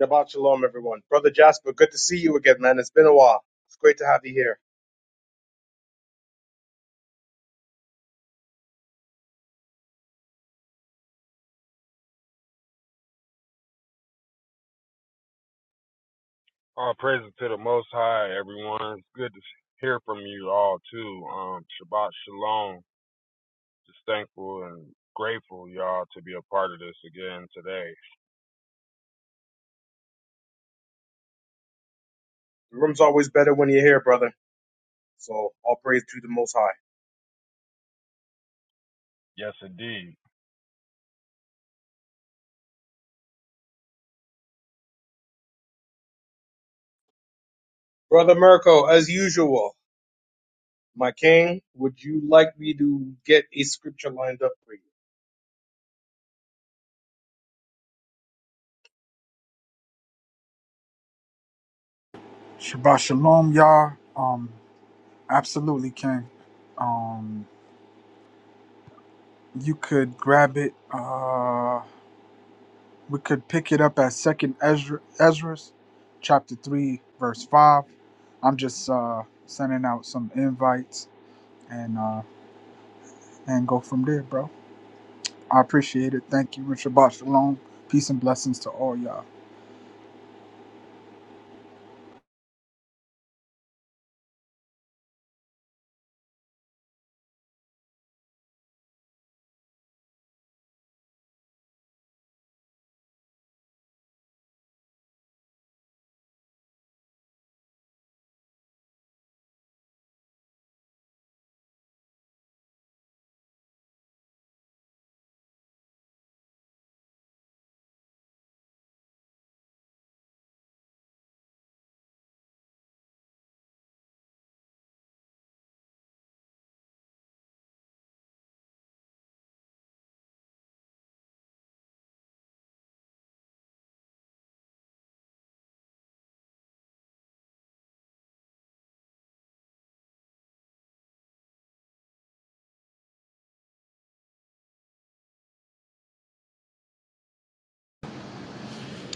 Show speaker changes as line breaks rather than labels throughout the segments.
Shabbat shalom, everyone. Brother Jasper, good to see you again, man. It's been a while. It's great to have you here.
All praises to the Most High, everyone. It's good to hear from you all too. Um, Shabbat Shalom. Just thankful and grateful, y'all, to be a part of this again today.
The room's always better when you're here, brother. So all praise to the Most High.
Yes, indeed.
Brother Mirko, as usual, my king, would you like me to get a scripture lined up for you?
Shabbat shalom, y'all. Um, absolutely, King. Um, you could grab it. Uh, we could pick it up at Second Ezra, Ezra's, chapter three, verse five. I'm just uh sending out some invites and uh and go from there, bro. I appreciate it. Thank you, and Shabbat shalom. Peace and blessings to all y'all.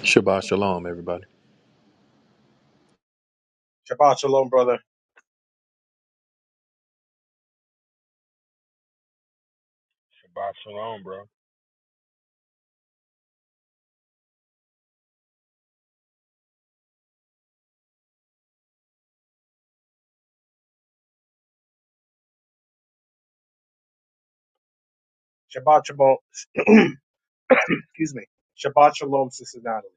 Shabbat shalom, everybody.
Shabbat shalom, brother.
Shabbat Shalom, bro.
Shabbat shalom. Excuse me. Shabbat shalom, sister Natalie.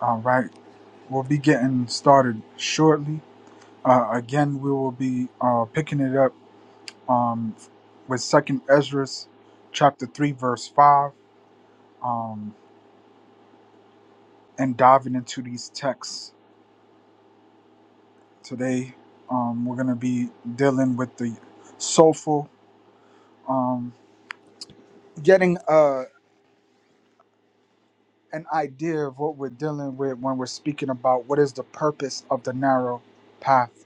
All right. We'll be getting started shortly. Uh, again, we will be uh, picking it up um, with Second Ezra, chapter three, verse five, um, and diving into these texts today. Um, we're gonna be dealing with the soulful, um, getting uh, an idea of what we're dealing with when we're speaking about what is the purpose of the narrow path,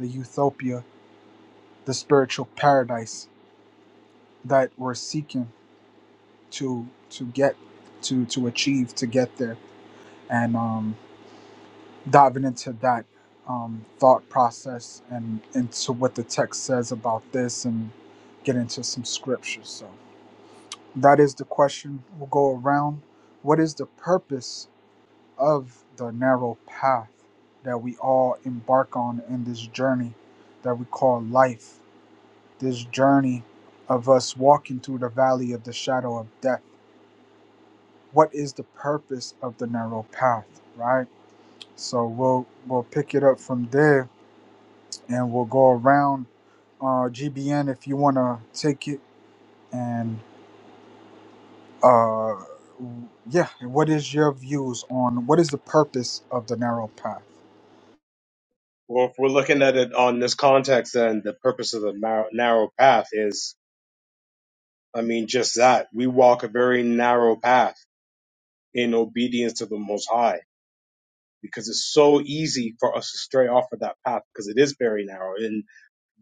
the utopia, the spiritual paradise that we're seeking to to get to to achieve to get there and um diving into that um thought process and into what the text says about this and get into some scriptures so that is the question we'll go around what is the purpose of the narrow path that we all embark on in this journey that we call life this journey of us walking through the valley of the shadow of death what is the purpose of the narrow path, right? So we'll we'll pick it up from there, and we'll go around uh, GBN if you want to take it. And uh, yeah, what is your views on what is the purpose of the narrow path?
Well, if we're looking at it on this context, then the purpose of the mar- narrow path is, I mean, just that. We walk a very narrow path in obedience to the Most High because it's so easy for us to stray off of that path because it is very narrow. And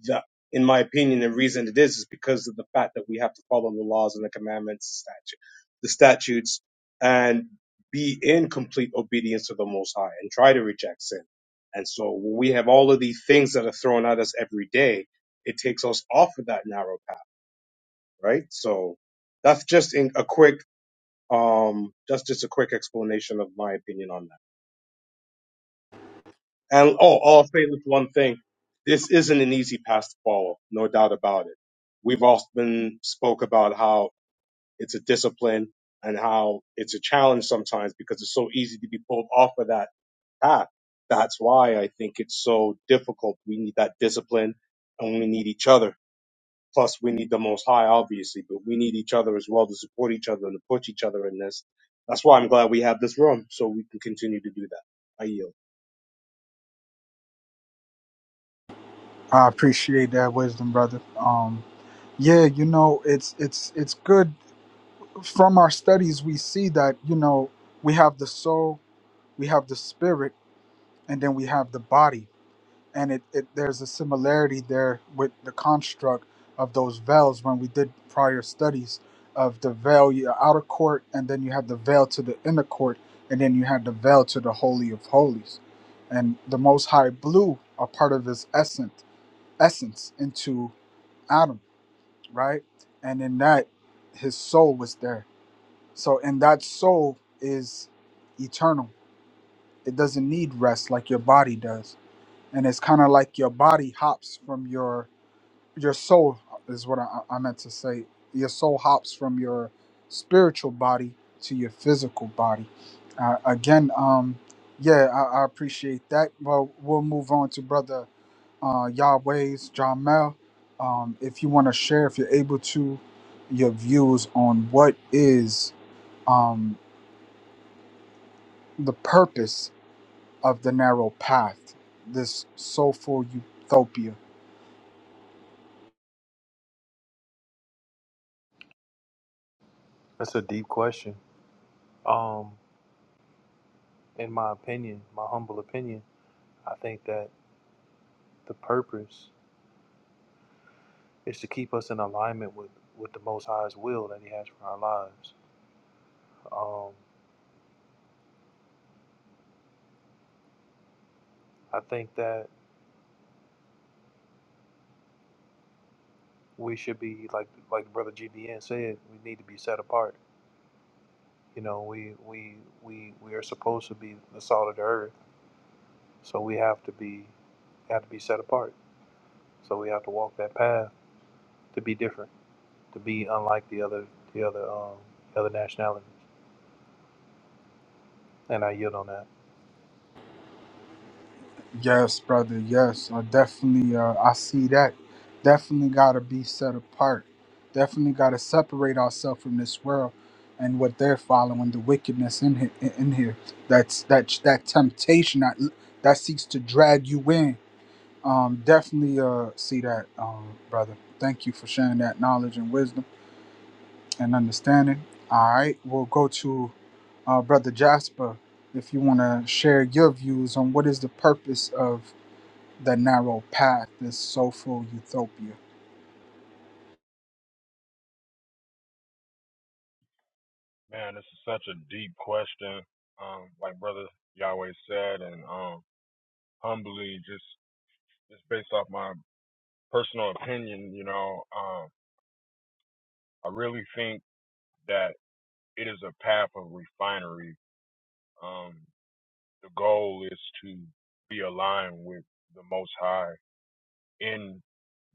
the, in my opinion, the reason it is is because of the fact that we have to follow the laws and the commandments, statute, the statutes, and be in complete obedience to the Most High and try to reject sin. And so when we have all of these things that are thrown at us every day, it takes us off of that narrow path, right? So that's just in a quick, um, that's just a quick explanation of my opinion on that. And oh, I'll say this one thing. This isn't an easy path to follow, no doubt about it. We've often spoke about how it's a discipline and how it's a challenge sometimes because it's so easy to be pulled off of that path. That's why I think it's so difficult. We need that discipline and we need each other. Plus we need the most high, obviously, but we need each other as well to support each other and to push each other in this. That's why I'm glad we have this room so we can continue to do that. I yield.
I appreciate that wisdom, brother. Um, yeah, you know, it's it's it's good. From our studies, we see that you know we have the soul, we have the spirit, and then we have the body and it, it there's a similarity there with the construct of those veils when we did prior studies of the veil your outer court and then you have the veil to the inner court and then you have the veil to the holy of holies and the most high blew a part of his essence essence into adam right and in that his soul was there so and that soul is eternal it doesn't need rest like your body does and it's kind of like your body hops from your your soul is what I, I meant to say. Your soul hops from your spiritual body to your physical body. Uh, again, um, yeah, I, I appreciate that. Well, we'll move on to brother uh, Yahweh's Jamel. Um, if you want to share, if you're able to, your views on what is um, the purpose of the narrow path, this soulful utopia.
That's a deep question. Um, in my opinion, my humble opinion, I think that the purpose is to keep us in alignment with with the Most High's will that He has for our lives. Um, I think that we should be like like Brother GBN said, we need to be set apart. You know, we we we we are supposed to be the salt of the earth, so we have to be have to be set apart. So we have to walk that path to be different to be unlike the other the other um the other nationalities. And I yield on that.
Yes, brother. Yes, I definitely. Uh, I see that. Definitely got to be set apart. Definitely got to separate ourselves from this world and what they're following. The wickedness in here. In here. That's that. That temptation that that seeks to drag you in. Um, definitely uh, see that, um, brother. Thank you for sharing that knowledge and wisdom and understanding. All right, we'll go to uh, brother Jasper if you want to share your views on what is the purpose of the narrow path, this soulful utopia.
Man, this is such a deep question. Um, like brother Yahweh said, and um, humbly, just just based off my personal opinion, you know, um, I really think that it is a path of refinery. Um, The goal is to be aligned with the Most High in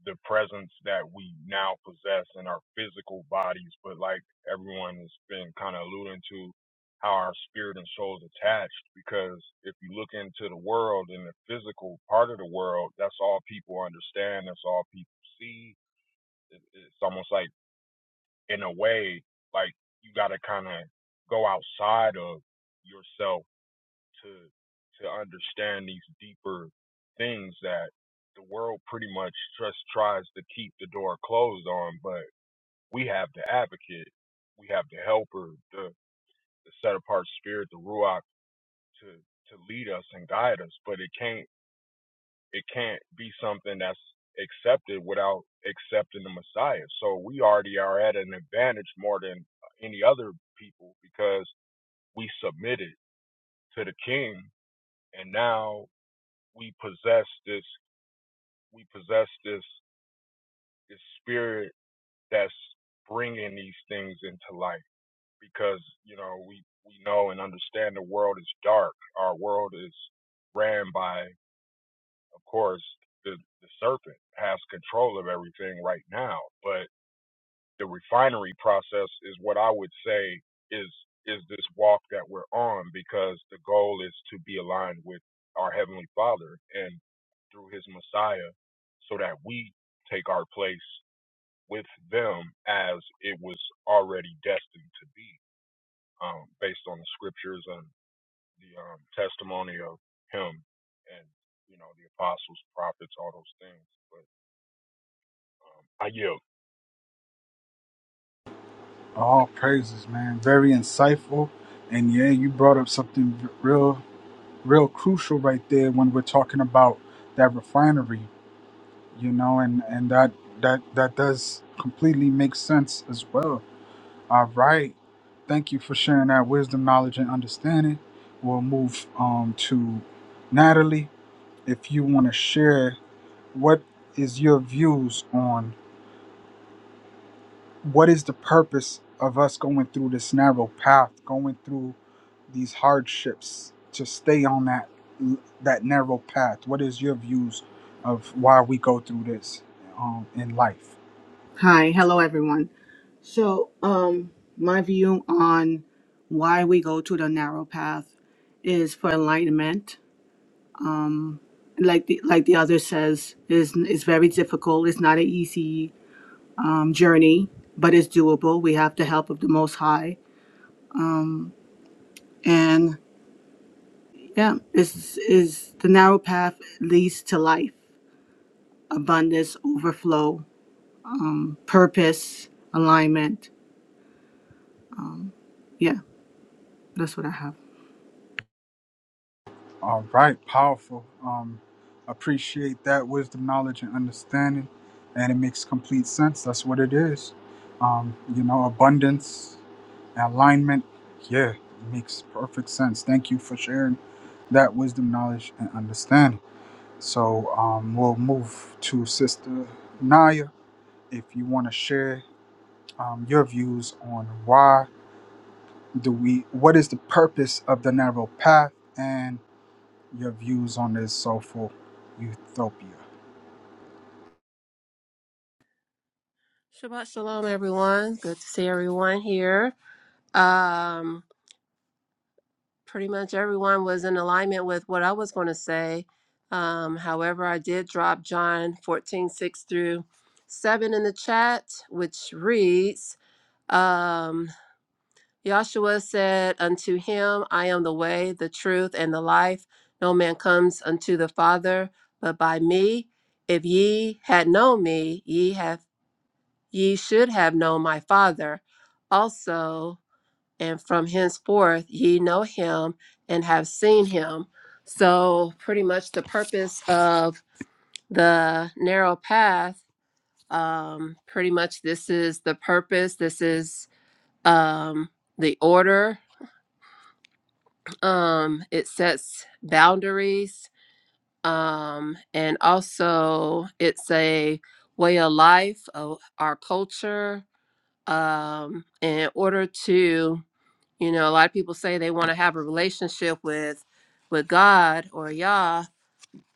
the presence that we now possess in our physical bodies. But like everyone has been kind of alluding to, how our spirit and soul is attached. Because if you look into the world and the physical part of the world, that's all people understand. That's all people see. It- It's almost like, in a way, like you got to kind of go outside of yourself to to understand these deeper things that the world pretty much just tries to keep the door closed on, but we have the advocate, we have the helper, the, the set apart spirit, the ruach to to lead us and guide us. But it can't it can't be something that's accepted without accepting the Messiah. So we already are at an advantage more than any other people because we submitted to the King, and now we possess this we possess this this spirit that's bringing these things into light because you know we we know and understand the world is dark our world is ran by of course the the serpent has control of everything right now but. the refinery process is what I would say is is this walk that we're on because the goal is to be aligned with our heavenly Father and through his Messiah so that we take our place with them as it was already destined to be um, based on the scriptures and the um, testimony of him and you know the apostles prophets all those things but um, I yield
All praises, man. Very insightful, and yeah, you brought up something v- real, real crucial right there when we're talking about that refinery you know and and that that that does completely make sense as well all right thank you for sharing that wisdom knowledge and understanding we'll move um to natalie if you want to share what is your views on what is the purpose of us going through this narrow path going through these hardships to stay on that that narrow path what is your views of why we go through this um, in life
Hi, hello everyone. So, um, my view on why we go to the narrow path is for enlightenment. Um, like the like the other says, is is very difficult. It's not an easy um, journey, but it's doable. We have the help of the Most High, and yeah, is is the narrow path leads to life, abundance, overflow, purpose, alignment. Yeah, that's what I have.
All right, powerful. Um, appreciate that wisdom, knowledge, and understanding, and it makes complete sense. That's what it is. Um, you know, abundance, alignment. Yeah, it makes perfect sense. Thank you for sharing that wisdom, knowledge, and understanding. So um, we'll move to Sister Naya. If you want to share um, your views on why do we, what is the purpose of the narrow path, and your views on this soulful utopia.
Shabbat shalom, everyone. Good to see everyone here. Um, pretty much everyone was in alignment with what I was going to say. Um, however, I did drop John 14:6 through 7 in the chat, which reads, um, Yahshua said unto him, I am the way, the truth, and the life. No man comes unto the Father but by me. If ye had known me, ye have Ye should have known my Father also, and from henceforth ye know him and have seen him. So, pretty much the purpose of the narrow path, um, pretty much this is the purpose, this is um, the order, um, it sets boundaries, um, and also it's a way of life, of our culture um, in order to You know, a lot of people say they want to have a relationship with with God or Yah,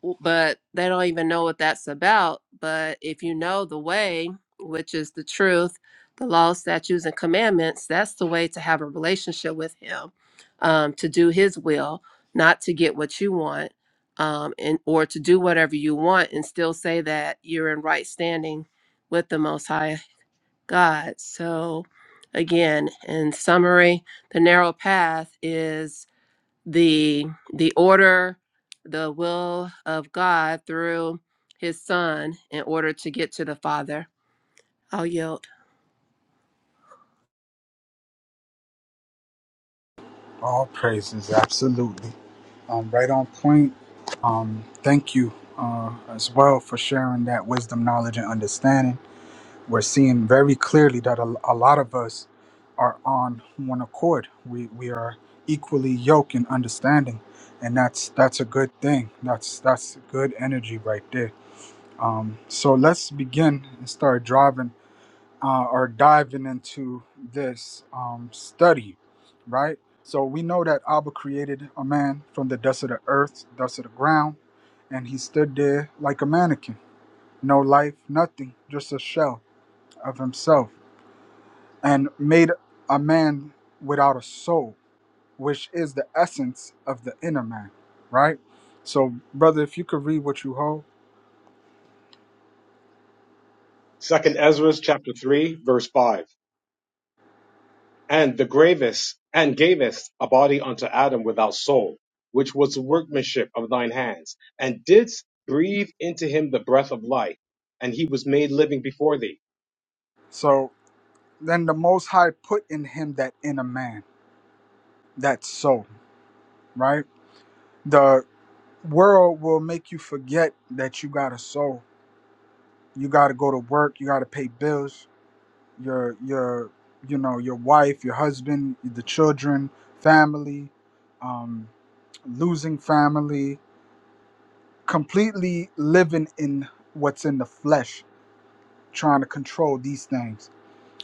w- but they don't even know what that's about. But if you know the way, which is the truth, the law, statutes, and commandments, that's the way to have a relationship with Him, um, to do His will, not to get what you want, um, and or to do whatever you want and still say that you're in right standing with the Most High God. So, again, in summary, the narrow path is the the order, the will of God through His Son in order to get to the Father. I'll yield.
All praises, absolutely. Um, right on point. Um, thank you uh, as well for sharing that wisdom, knowledge, and understanding. We're seeing very clearly that a, a lot of us are on one accord. We we are equally yoked in understanding, and that's that's a good thing. That's that's good energy right there. Um, so let's begin and start driving uh, are diving into this um, study, right? So we know that Abba created a man from the dust of the earth, dust of the ground, and he stood there like a mannequin, no life, nothing, just a shell of himself, and made a man without a soul, which is the essence of the inner man, right? So, brother, if you could read what you hold.
Second Ezra chapter three, verse five. And the gravest and gavest a body unto Adam without soul, which was the workmanship of thine hands, and didst breathe into him the breath of life, and he was made living before thee,
So then the Most High put in him that inner man, that soul, right? The World will make you forget that you got a soul. You got to go to work. You got to pay bills. Your your you know your wife, your husband, the children, family, um, losing family, completely living in what's in the flesh, trying to control these things.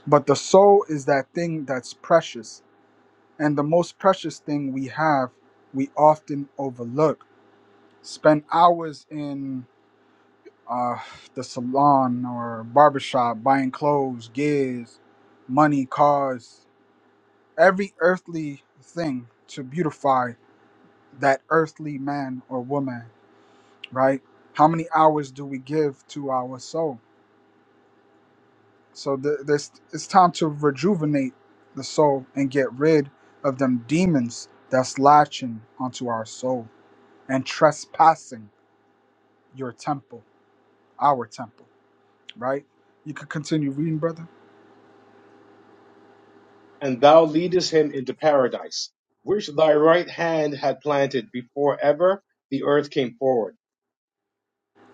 But the soul is that thing that's precious. And the most precious thing we have, we often overlook. Spend hours in uh, the salon or barbershop, buying clothes, gears, money, cars, every earthly thing to beautify that earthly man or woman, right? How many hours do we give to our soul? So th- this it's time to rejuvenate the soul and get rid of them demons that's latching onto our soul and trespassing your temple, our temple, right? You could continue reading, brother.
and thou leadest him into paradise, which thy right hand had planted before ever the earth came forward.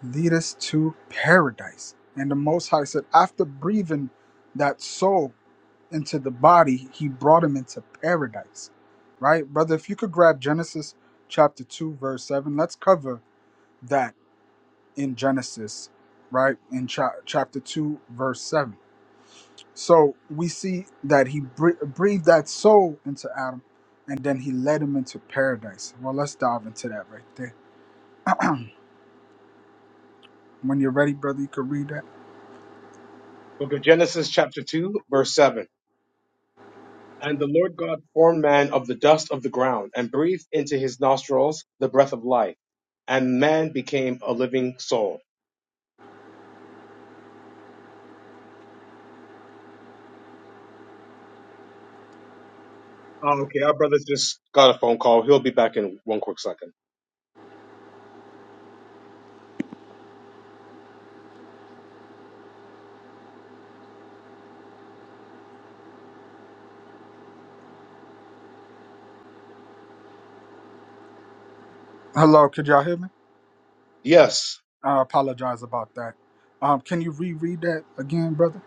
lead us to paradise. And the Most High said, after breathing that soul into the body, he brought him into paradise. Right? Brother, if you could grab Genesis chapter 2, verse 7, let's cover that in Genesis, right? In cha- chapter 2, verse 7. So we see that he bre- breathed that soul into Adam and then he led him into paradise. Well, let's dive into that right there. when you're ready, brother, you could read that.
Book of Genesis chapter two, verse seven. And the Lord God formed man of the dust of the ground and breathed into his nostrils the breath of life, and man became a living soul. Oh, okay, our brother just got a phone call. He'll be back in one quick second.
Hello, could y'all hear me?
Yes.
I apologize about that. Um, can you reread that again, brother?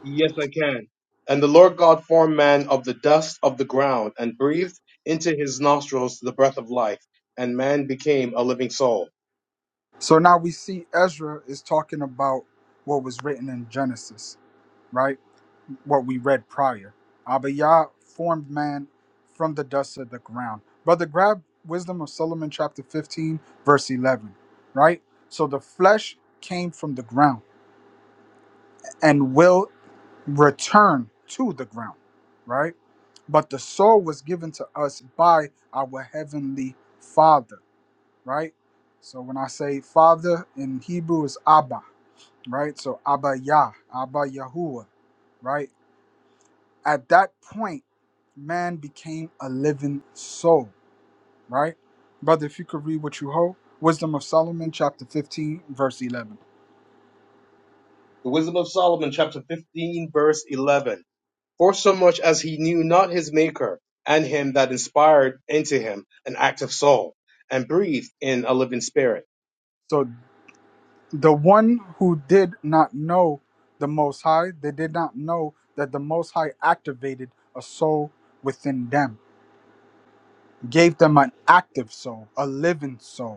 Yes, I can. And the Lord God formed man of the dust of the ground and breathed into his nostrils the breath of life, and man became a living soul.
So now we see Ezra is talking about what was written in Genesis, right? What we read prior. Abiyah formed man from the dust of the ground. Brother, grab Wisdom of Solomon, chapter 15, verse 11, right? So the flesh came from the ground and will return to the ground, right? But the soul was given to us by our heavenly Father right? So when I say father in Hebrew is Abba, right? So Abba Yah, Abba Yahuwah, right? At that point, man became a living soul, right? Brother, if you could read what you hold, Wisdom of Solomon, chapter 15, verse 11.
The Wisdom of Solomon, chapter 15, verse 11. For so much as he knew not his maker, and him that inspired into him an active soul, and breathed in a living spirit.
So the one who did not know the Most High, they did not know that the Most High activated a soul within them, gave them an active soul, a living soul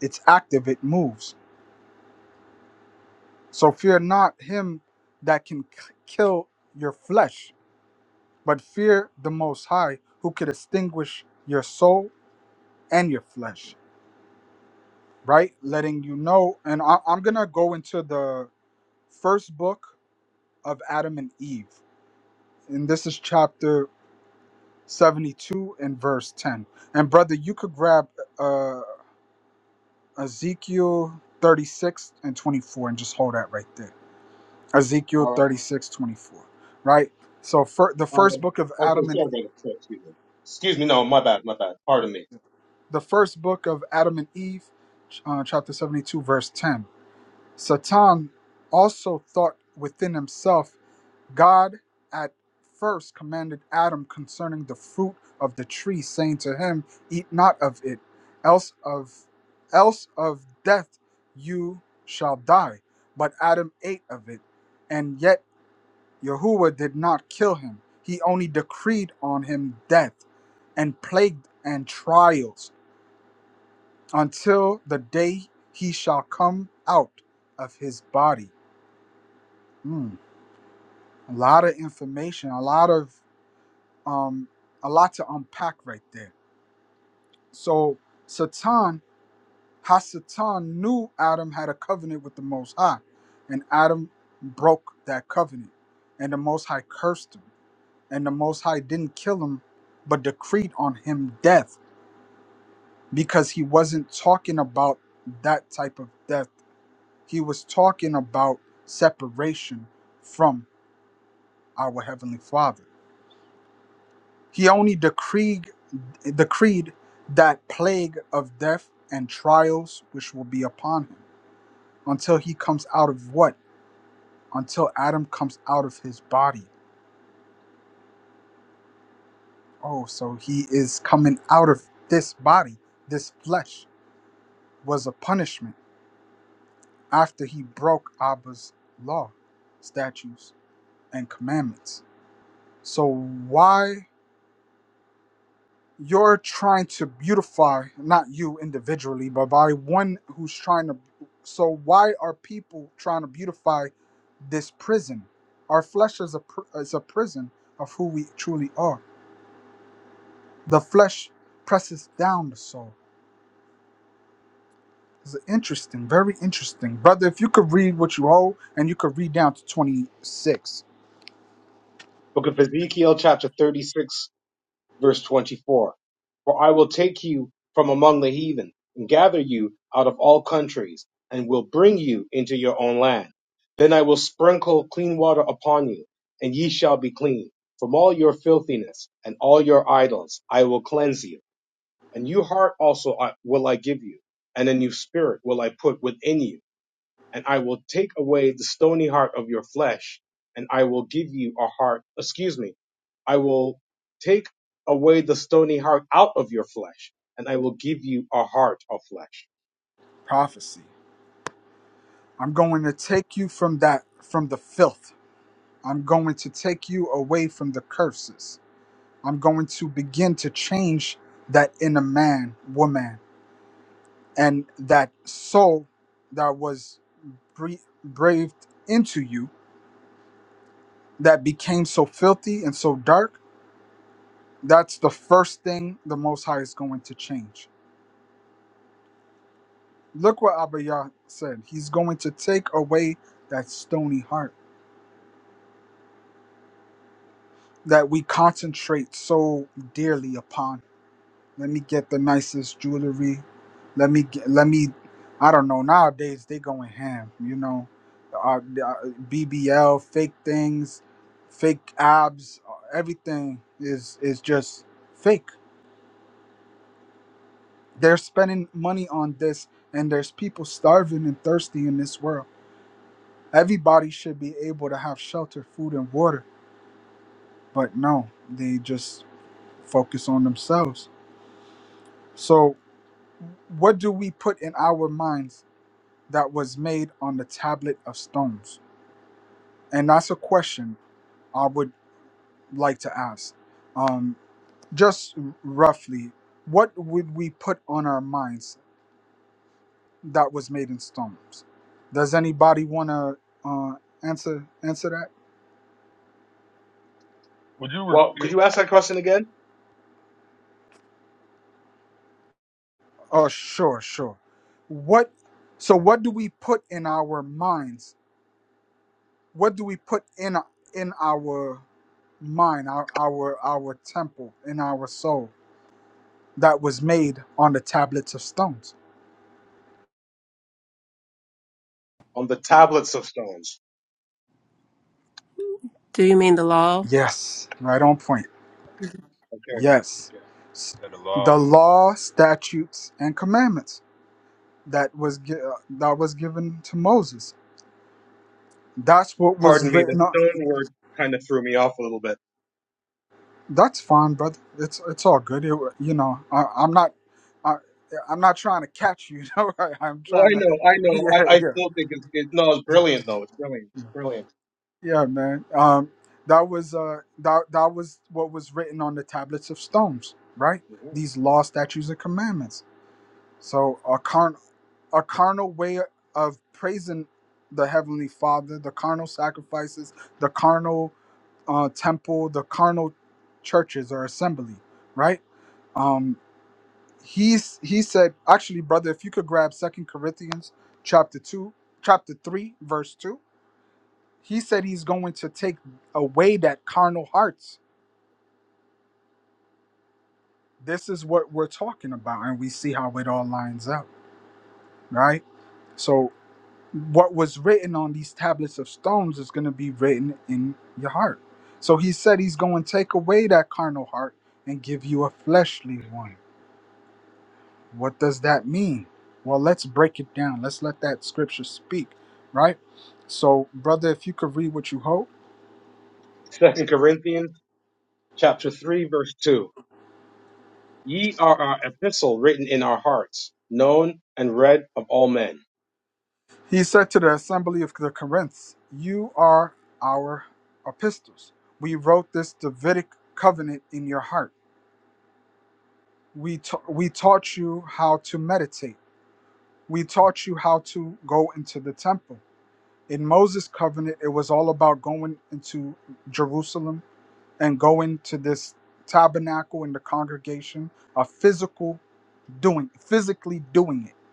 it's active, it moves. So fear not him that can k- kill your flesh, but fear the Most High who could extinguish your soul and your flesh, right? Letting you know. And I, I'm going to go into the first book of Adam and Eve. And this is chapter 72 and verse 10. And brother, you could grab uh, Ezekiel 36 and 24 and just hold that right there. Ezekiel
All right.
36 24, right? So for the
Um,
first book of
okay,
Adam and
sorry, brother. Sorry, Excuse me. Excuse me. No, my bad. My bad. Pardon me.
the first book of Adam and Eve, uh, chapter 72, verse 10. Satan also thought within himself, God at first commanded Adam concerning the fruit of the tree, saying to him, Eat not of it, else of else of death you shall die. But Adam ate of it, and yet. Yahuwah did not kill him. He only decreed on him death and plague and trials until the day he shall come out of his body. Hmm. A lot of information, a lot of um, a lot to unpack right there. So Satan, how Satan knew Adam had a covenant with the Most High, and Adam broke that covenant, and the Most High cursed him. and the Most High didn't kill him, but decreed on him death because he wasn't talking about that type of death. He was talking about separation from our Heavenly Father. He only decreed, decreed that plague of death and trials which will be upon him until he comes out of what? Until Adam comes out of his body. Oh, so he is coming out of this body. This flesh was a punishment after he broke Abba's law, statutes, and commandments. So why you're trying to beautify not you individually, but by one who's trying to so why are people trying to beautify this prison? Our flesh is a pr- is a prison of who we truly are. The flesh presses down the soul. It's interesting, very interesting, brother. If you could read what you hold, and you could read down to twenty six.
Book of Ezekiel, chapter 36, verse 24. For I will take you from among the heathen and gather you out of all countries and will bring you into your own land. Then I will sprinkle clean water upon you and ye shall be clean. From all your filthiness and all your idols I will cleanse you. A new heart also I, will I give you and a new spirit will I put within you and I will take away the stony heart of your flesh, and I will give you a heart, excuse me, I will take away the stony heart out of your flesh, and I will give you a heart of flesh.
prophecy. I'm going to take you from that from the filth. I'm going to take you away from the curses. I'm going to begin to change that inner man, woman. and that soul that was bre- breathed into you that became so filthy and so dark that's the first thing the most high is going to change look what abaya said he's going to take away that stony heart that we concentrate so dearly upon Let me get the nicest jewelry. Let me get, let me. I don't know. Nowadays they going ham. You know, uh, uh, BBL, fake things, fake abs. uh, Everything is is just fake. They're spending money on this, and there's people starving and thirsty in this world. Everybody should be able to have shelter, food, and water, but no, they just focus on themselves. So, what do we put in our minds? that was made on the tablet of stones? And that's a question I would like to ask. Um, just roughly, what would we put on our minds that was made in stones? Does anybody want to uh, answer answer that?
would you
Well, could
repeat
you ask that question again?
Oh, sure, sure. What? So, what do we put in our minds? What do we put in in our mind, our our our temple, in our soul? that was made on the tablets of stones.
On the tablets of stones.
Do you mean the law?
Yes, right on point.
Okay.
Yes.
yeah.
S-
yeah, the law
The law, statutes, and commandments that was gi- uh, that was given to Moses. That's what was
Pardon me, the
written on.
stone word kind of threw me off a little bit.
That's fine, brother. It's it's all good. It, wa- you know, I, I'm not I, I'm not trying to catch you. you know? I, I'm
Well,
trying
I
to.
know, I know.
Yeah,
I, I still
yeah.
think it's, it, no, it's brilliant though. It's brilliant. Brilliant.
Yeah, man. Um, that was uh, that that was what was written on the tablets of stones, right? These law, statutes, and commandments. So a carn a carnal way of praising the heavenly Father, the carnal sacrifices, the carnal uh, temple, the carnal churches or assembly, right? Um, he's he said actually, brother, if you could grab Second Corinthians chapter two, chapter three, verse two he said he's going to take away that carnal hearts. This is what we're talking about, and we see how it all lines up, right? So, what was written on these tablets of stones is going to be written in your heart. So, he said he's going to take away that carnal heart and give you a fleshly one. What does that mean? Well, let's break it down. Let's let that scripture speak, right? So, brother, if you could read what you hope.
Second Corinthians chapter 3 verse 2. Ye are our epistle written in our hearts, known and read of all men.
He said to the assembly of the Corinth, You are our epistles. We wrote this Davidic covenant in your heart. We, ta- we taught you how to meditate. We taught you how to go into the temple. In Moses' covenant, it was all about going into Jerusalem and going to this tabernacle and the congregation, a physical doing, physically doing it,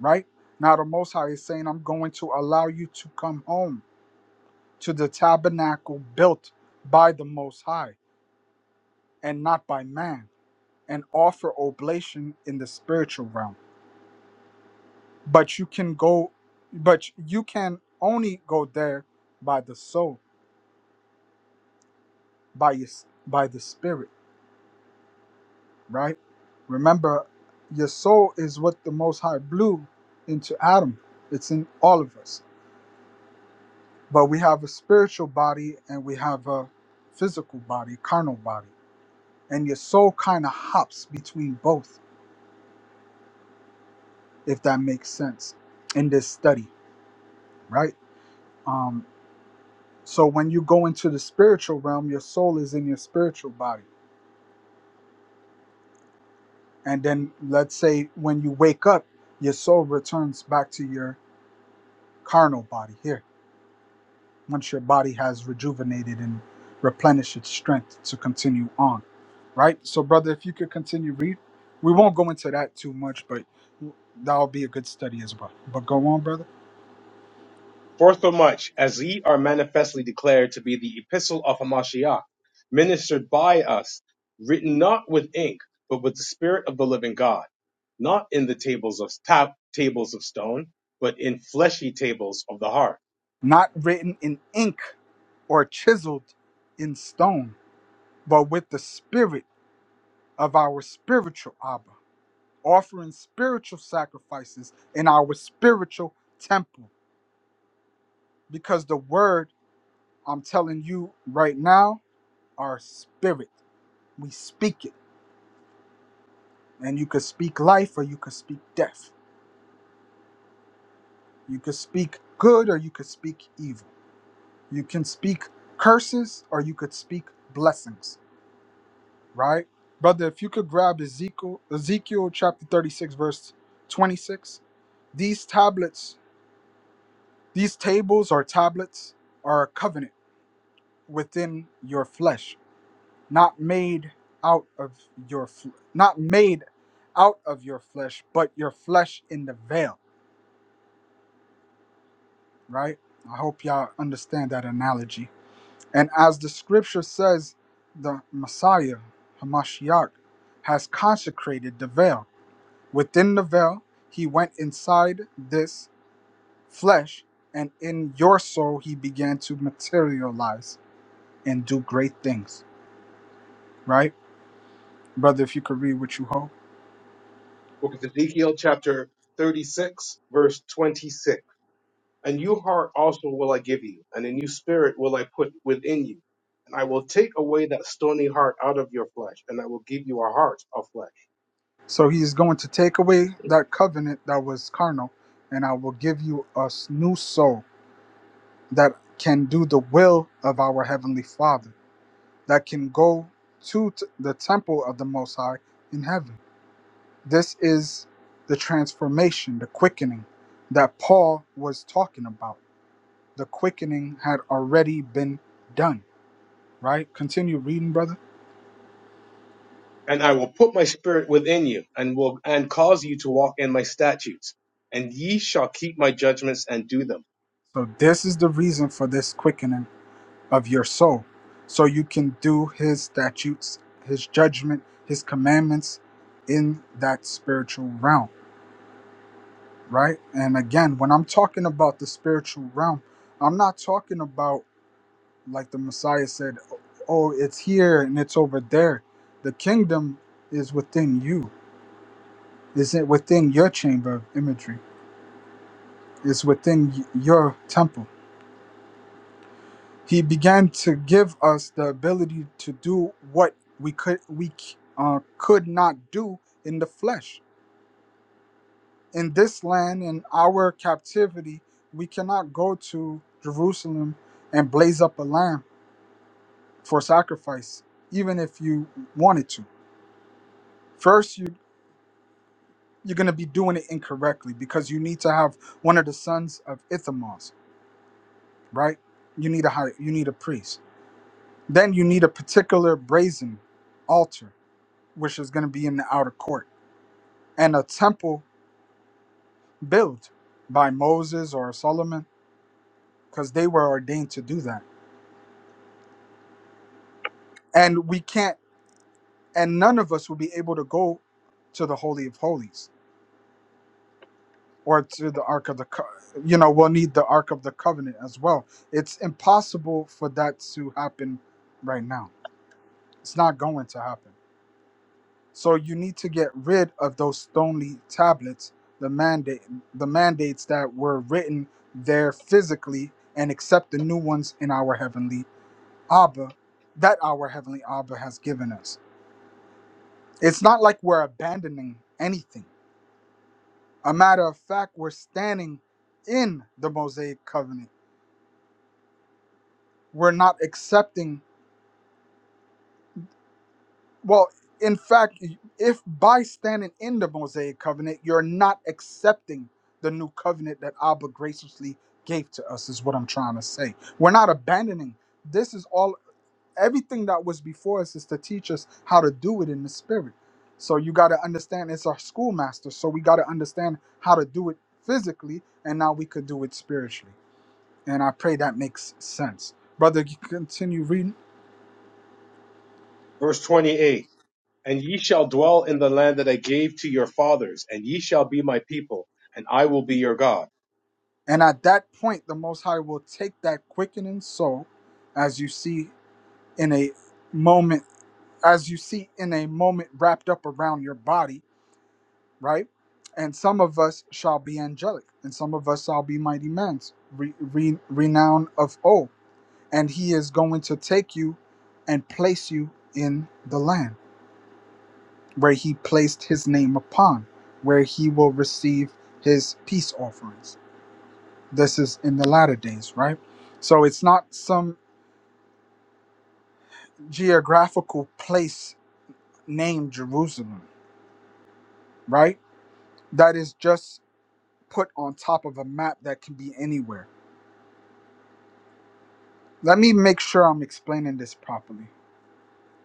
right? Now the Most High is saying, I'm going to allow you to come home to the tabernacle built by the Most High and not by man, and offer oblation in the spiritual realm. But you can go, but you can only go there by the soul, by your, by the spirit, right? Remember, your soul is what the Most High blew into Adam. It's in all of us. But we have a spiritual body and we have a physical body, carnal body, and your soul kind of hops between both if that makes sense in this study right um so when you go into the spiritual realm your soul is in your spiritual body and then let's say when you wake up your soul returns back to your carnal body here once your body has rejuvenated and replenished its strength to continue on right so brother if you could continue read we won't go into that too much but that'll be a good study as well but go on brother
For so much as ye are manifestly declared to be the epistle of Hamashiach, ministered by us, written not with ink, but with the Spirit of the living God, not in the tables of ta- tables of stone, but in fleshy tables of the heart.
not written in ink or chiseled in stone but with the spirit of our spiritual Abba, offering spiritual sacrifices in our spiritual temple. Because the word I'm telling you right now our spirit. We speak it. And you could speak life or you could speak death. You could speak good or you could speak evil. You can speak curses or you could speak blessings, right? Brother, if you could grab Ezekiel, Ezekiel chapter 36, verse 26. These tablets These tables or tablets are a covenant within your flesh, not made out of your f- not made out of your flesh, but your flesh in the veil, right? I hope y'all understand that analogy. And as the scripture says, the Messiah, Hamashiach, has consecrated the veil. Within the veil, he went inside this flesh, and in your soul, he began to materialize. and do great things. Right? Brother, if you could read what you hope,
Book of Ezekiel, chapter 36, verse 26. A new heart also will I give you, and a new spirit will I put within you. And I will take away that stony heart out of your flesh, and I will give you a heart of flesh.
So he is going to take away that covenant that was carnal, and I will give you a s- new soul that can do the will of our Heavenly Father, that can go to t- the temple of the Most High in heaven. This is the transformation, the quickening that Paul was talking about. The quickening had already been done, right? Continue reading, brother.
And I will put my spirit within you, and will and cause you to walk in my statutes. And ye shall keep my judgments and do them.
So, this is the reason for this quickening of your soul, so you can do his statutes, his judgment, his commandments in that spiritual realm, right? And again, when I'm talking about the spiritual realm, I'm not talking about like the Messiah said, oh, it's here and it's over there. The kingdom is within you. Is it within your chamber of imagery? It's within y- your temple He began to give us the ability to do what we could we c- uh, could not do in the flesh. In this land, in our captivity, we cannot go to Jerusalem and blaze up a lamb for sacrifice, even if you wanted to. First, you you're going to be doing it incorrectly because you need to have one of the sons of Ithamar, right? You need a high, you need a priest. Then you need a particular brazen altar which is going to be in the outer court, and a temple built by Moses or Solomon, because they were ordained to do that. And we can't, and none of us will be able to go to the Holy of Holies or to the Ark of the, Co- you know, we'll need the Ark of the Covenant as well. It's impossible for that to happen right now. It's not going to happen. So you need to get rid of those stony tablets, the mandate, the mandates that were written there physically, and accept the new ones in our heavenly Abba, that our heavenly Abba has given us. It's not like we're abandoning anything. A matter of fact, we're standing in the Mosaic covenant. We're not accepting Well, in fact, if by standing in the Mosaic covenant, you're not accepting the new covenant that Abba graciously gave to us, is what I'm trying to say. We're not abandoning. This is all, everything that was before us is to teach us how to do it in the spirit. So you got to understand it's our schoolmaster. So we got to understand how to do it physically, and now we could do it spiritually. And I pray that makes sense. Brother, you continue reading.
Verse 28. And ye shall dwell in the land that I gave to your fathers, and ye shall be my people, and I will be your God
And at that point, the Most High will take that quickening soul, as you see in a moment, as you see in a moment wrapped up around your body, right? And some of us shall be angelic, and some of us shall be mighty men's re, re, renowned of old. And He is going to take you and place you in the land where He placed His name upon, where He will receive His peace offerings This is in the latter days, right? So it's not some geographical place named Jerusalem, right? That is just put on top of a map that can be anywhere. Let me make sure I'm explaining this properly.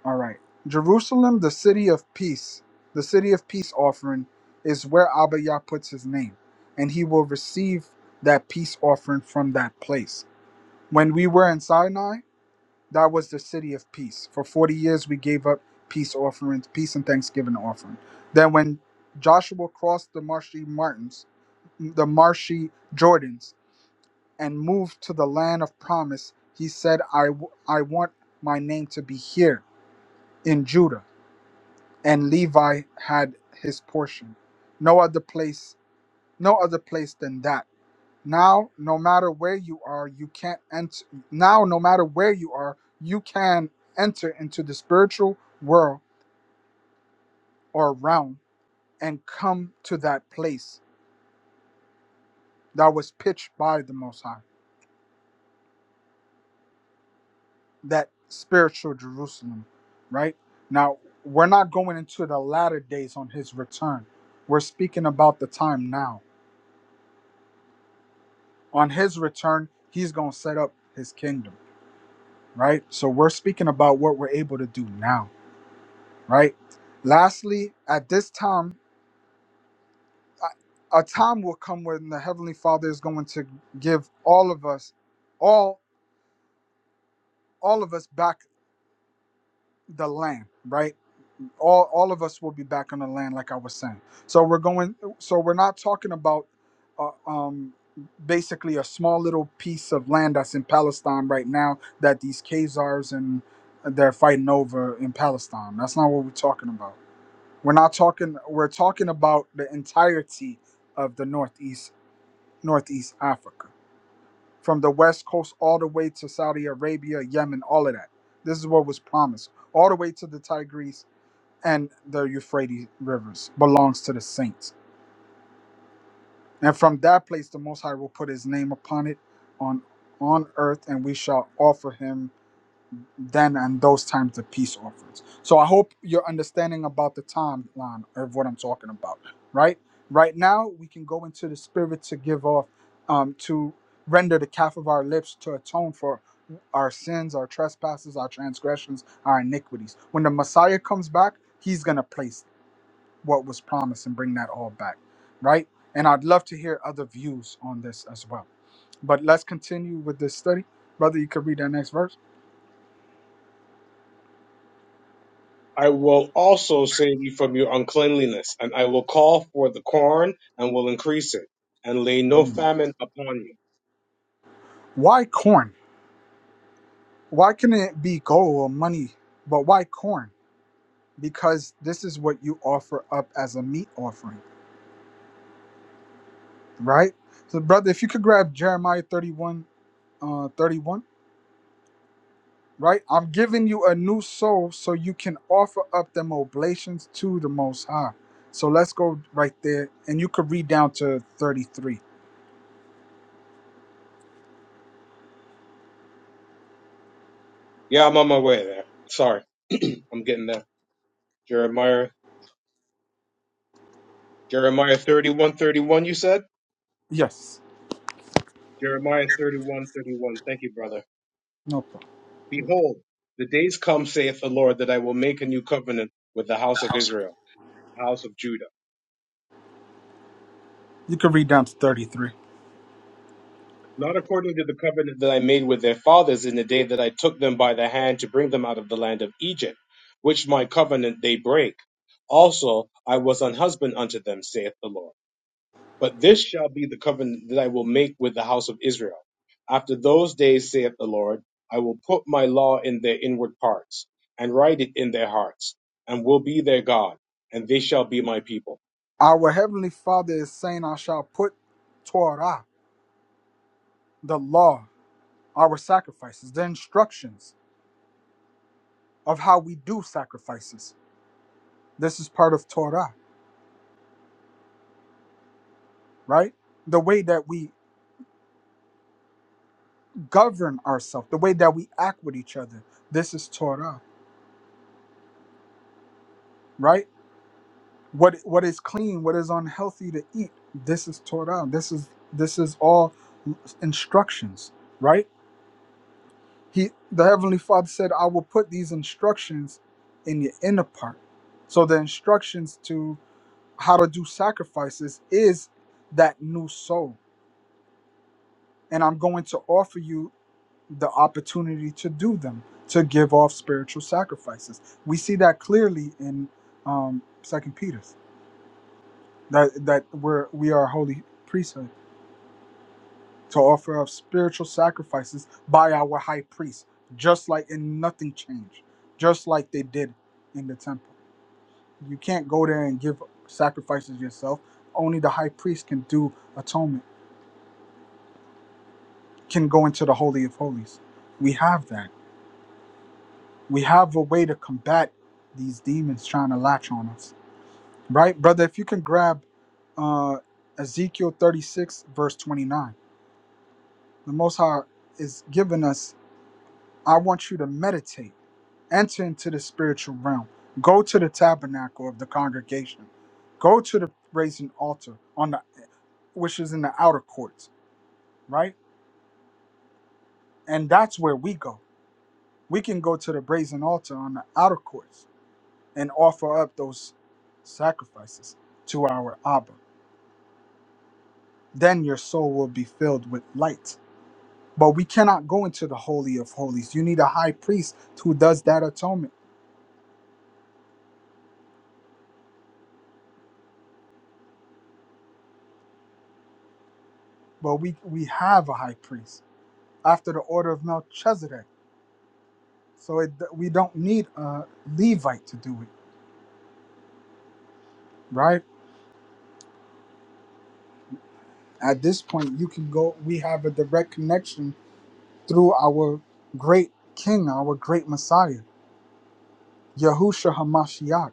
All right. Jerusalem, the city of peace, the city of peace offering is where Abba Yah puts his name, and he will receive that peace offering from that place. When we were in Sinai, That was the city of peace. For 40 years, we gave up peace offerings, peace and thanksgiving offering. Then, when Joshua crossed the marshy mountains, the marshy Jordans, and moved to the land of promise, he said, I, w- I want my name to be here in Judah. And Levi had his portion. No other place, no other place than that now, no matter where you are, you can't enter. Now, no matter where you are, you can enter into the spiritual world or realm and come to that place that was pitched by the Most High, that spiritual Jerusalem, right? Now, we're not going into the latter days on his return. We're speaking about the time now. On his return, he's going to set up his kingdom, right? So, we're speaking about what we're able to do now right? Lastly, at this time, a a time will come when the heavenly Father is going to give all of us, all all of us back the land, right? All all of us will be back on the land, like I was saying. So we're going. So we're not talking about, uh, um, basically a small little piece of land that's in Palestine right now that these Khazars and uh, they're fighting over in Palestine. That's not what we're talking about. We're not talking. We're talking about the entirety of the northeast, northeast Africa, from the west coast all the way to Saudi Arabia, Yemen, all of that. This is what was promised, all the way to the Tigris and the Euphrates rivers belongs to the saints. And from that place, the Most High will put His name upon it, on on earth, and we shall offer Him then and those times the peace offerings. So I hope you're understanding about the timeline of what I'm talking about, right? Right now, we can go into the spirit to give off, um, to render the calf of our lips to atone for our sins, our trespasses, our transgressions, our iniquities. When the Messiah comes back, he's going to place what was promised and bring that all back, right? And I'd love to hear other views on this as well. But let's continue with this study. Brother, you could read that next verse.
I will also save you from your uncleanliness, and I will call for the corn and will increase it, and lay no famine upon you.
Why corn? Why can it be gold or money? But why corn? Because this is what you offer up as a meat offering, right? So, brother, if you could grab Jeremiah 31, uh, 31, right? I'm giving you a new soul so you can offer up them oblations to the Most High. So let's go right there, and you could read down to 33.
Yeah, I'm on my way there. Sorry. I'm getting there. Jeremiah Jeremiah thirty one thirty one you said?
Yes,
Jeremiah thirty one thirty one. Thank you, brother.
no problem.
Behold, the days come, saith the Lord, that I will make a new covenant with the house of Israel, the house of Judah
You could read down to 33.
Not according to the covenant that I made with their fathers in the day that I took them by the hand to bring them out of the land of Egypt, which my covenant they break. Also, I was an husband unto them, saith the Lord. But this shall be the covenant that I will make with the house of Israel. After those days, saith the Lord, I will put my law in their inward parts, and write it in their hearts, and will be their God, and they shall be my people.
Our Heavenly Father is saying, I shall put Torah, the law. our sacrifices, the instructions of how we do sacrifices. This is part of Torah, right? The way that we govern ourselves, the way that we act with each other. This is Torah, right? What what is clean, what is unhealthy to eat. This is Torah. This is this is all instructions, right? He the heavenly Father said, "I will put these instructions in your inner part." So the instructions to how to do sacrifices is that new soul and I'm going to offer you the opportunity to do them, to give off spiritual sacrifices. We see that clearly in um, Second Peter's that that we're we are a holy priesthood to offer up spiritual sacrifices by our high priest, just like and nothing changed, just like they did in the temple. You can't go there and give sacrifices yourself. Only the high priest can do atonement, can go into the holy of holies. We have that we have a way to combat these demons trying to latch on us right brother if you can grab uh ezekiel 36 verse 29 the most high is giving us i want you to meditate enter into the spiritual realm go to the tabernacle of the congregation go to the brazen altar on the which is in the outer courts right and that's where we go we can go to the brazen altar on the outer courts and offer up those sacrifices to our Abba. Then your soul will be filled with light. But we cannot go into the Holy of Holies. You need a high priest who does that atonement. But we, we have a high priest after the order of Melchizedek. So it, we don't need a Levite to do it, right? At this point, you can go, we have a direct connection through our great king, our great Messiah, Yahushua HaMashiach.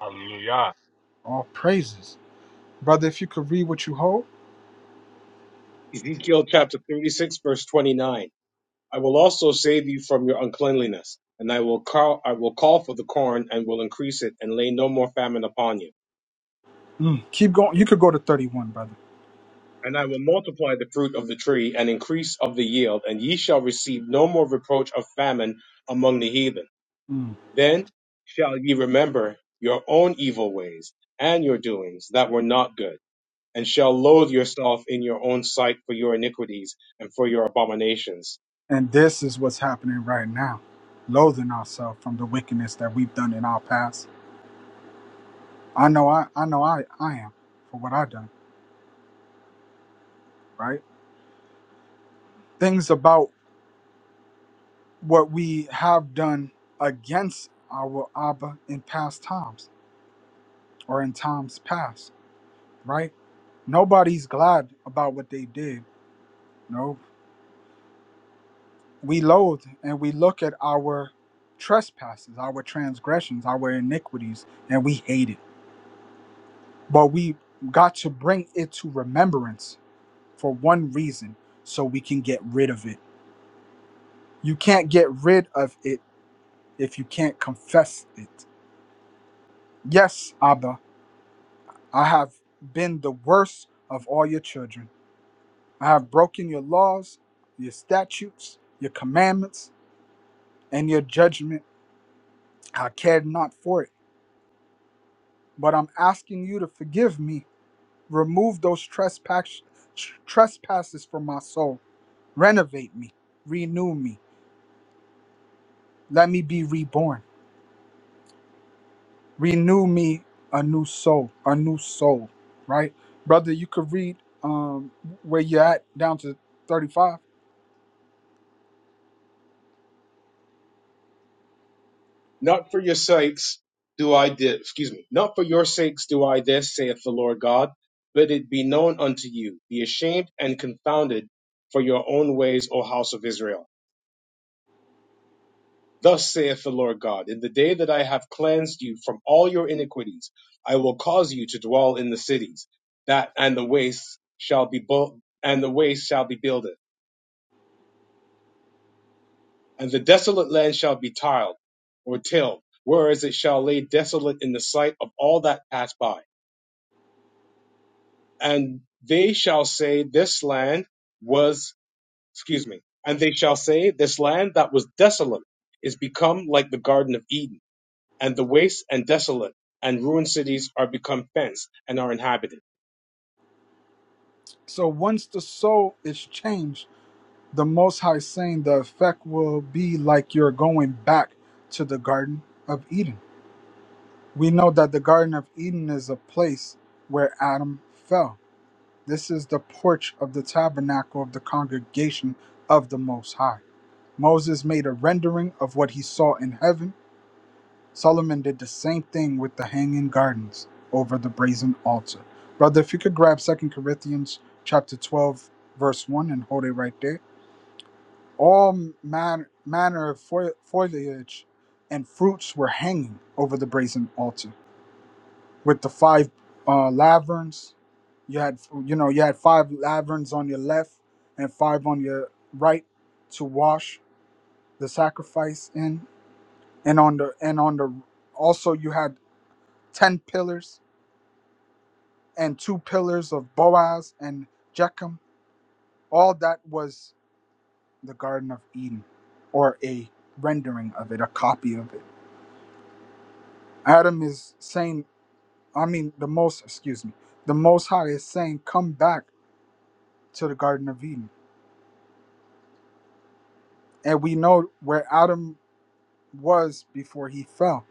hallelujah
All praises. Brother, if you could read what you hold,
Ezekiel chapter 36, verse 29. I will also save you from your uncleanliness, and I will call I will call for the corn and will increase it, and lay no more famine upon you.
Mm, keep going. You could go to 31, brother.
And I will multiply the fruit of the tree and increase of the yield, and ye shall receive no more reproach of famine among the heathen.
mm.
Then shall ye remember your own evil ways and your doings that were not good, and shall loathe yourself in your own sight for your iniquities and for your abominations.
And this is what's happening right now. Loathing ourselves from the wickedness that we've done in our past. I know I I know I, I am for what I've done, right? Things about what we have done against our Abba in past times or in times past, right? Nobody's glad about what they did. no. we loathe and we look at our trespasses, our transgressions, our iniquities, and we hate it. But we got to bring it to remembrance for one reason so we can get rid of it. You can't get rid of it if you can't confess it. Yes, Abba, I have been the worst of all your children. I have broken your laws, your statutes, your commandments, and your judgment. I cared not for it. But I'm asking you to forgive me Remove those trespass, trespasses from my soul. Renovate me. Renew me. Let me be reborn. Renew me a new soul, a new soul, right? Brother, you could read um, where you're at down to 35.
Not for your sakes do I this, excuse me, not for your sakes do I this, saith the Lord God. Let it be known unto you. Be ashamed and confounded for your own ways, O house of Israel. Thus saith the Lord God, in the day that I have cleansed you from all your iniquities, I will cause you to dwell in the cities, that and the waste shall be built, and the waste shall be builded, and the desolate land shall be tiled or tilled, whereas it shall lay desolate in the sight of all that pass by and they shall say this land was excuse me and they shall say this land that was desolate is become like the garden of eden and the waste and desolate and ruined cities are become fenced and are inhabited
So once the soul is changed, the Most High is saying the effect will be like you're going back to the Garden of Eden. We know that the Garden of Eden is a place where Adam fell This is the porch of the tabernacle of the congregation of the Most High. Moses made a rendering of what he saw in heaven. Solomon did the same thing with the hanging gardens over the brazen altar. Brother, if you could grab Second Corinthians chapter 12, verse 1 and hold it right there. All man, manner of fo- foliage and fruits were hanging over the brazen altar with the five uh, laverns. You had you know you had five laverns on your left and five on your right to wash the sacrifice in, and on the and on the also you had ten pillars and two pillars of Boaz and Jechem. All that was the Garden of Eden, or a rendering of it, a copy of it. Adam is saying, I mean, the most, excuse me, the Most High is saying, come back to the Garden of Eden And we know where Adam was before he fell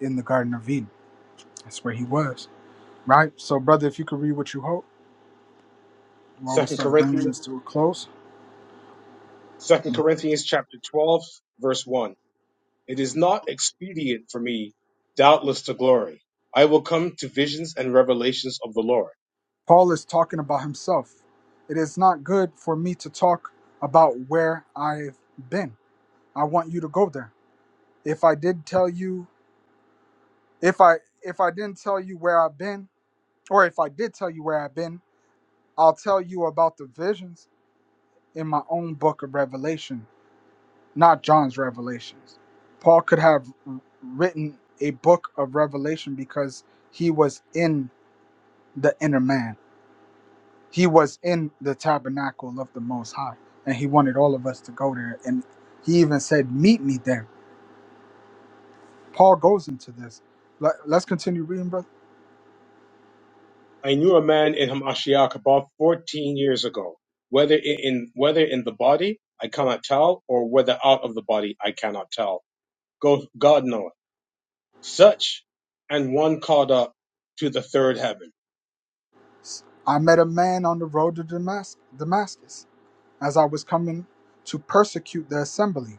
in the Garden of Eden. That's where he was, right? So, brother, if you could read what you hope while we
second
start bringing
corinthians
this to a close.
second corinthians chapter 12 verse 1 it is not expedient for me doubtless to glory i will come to visions and revelations of the lord
Paul is talking about himself. It is not good for me to talk about where I've been. I want you to go there. If I did tell you, if I if I didn't tell you where I've been, or if I did tell you where I've been, I'll tell you about the visions in my own book of Revelation not John's revelations. Paul could have written a book of revelation because he was in the inner man. He was in the tabernacle of the Most High, and he wanted all of us to go there. And he even said, Meet me there. Paul goes into this. Let, let us continue reading, brother.
I knew a man in Hamashiach about 14 years ago. Whether in whether in the body, I cannot tell, or whether out of the body, I cannot tell. Go, God knoweth. Such and one caught up to the third heaven.
I met a man on the road to Damas- Damascus as I was coming to persecute the assembly,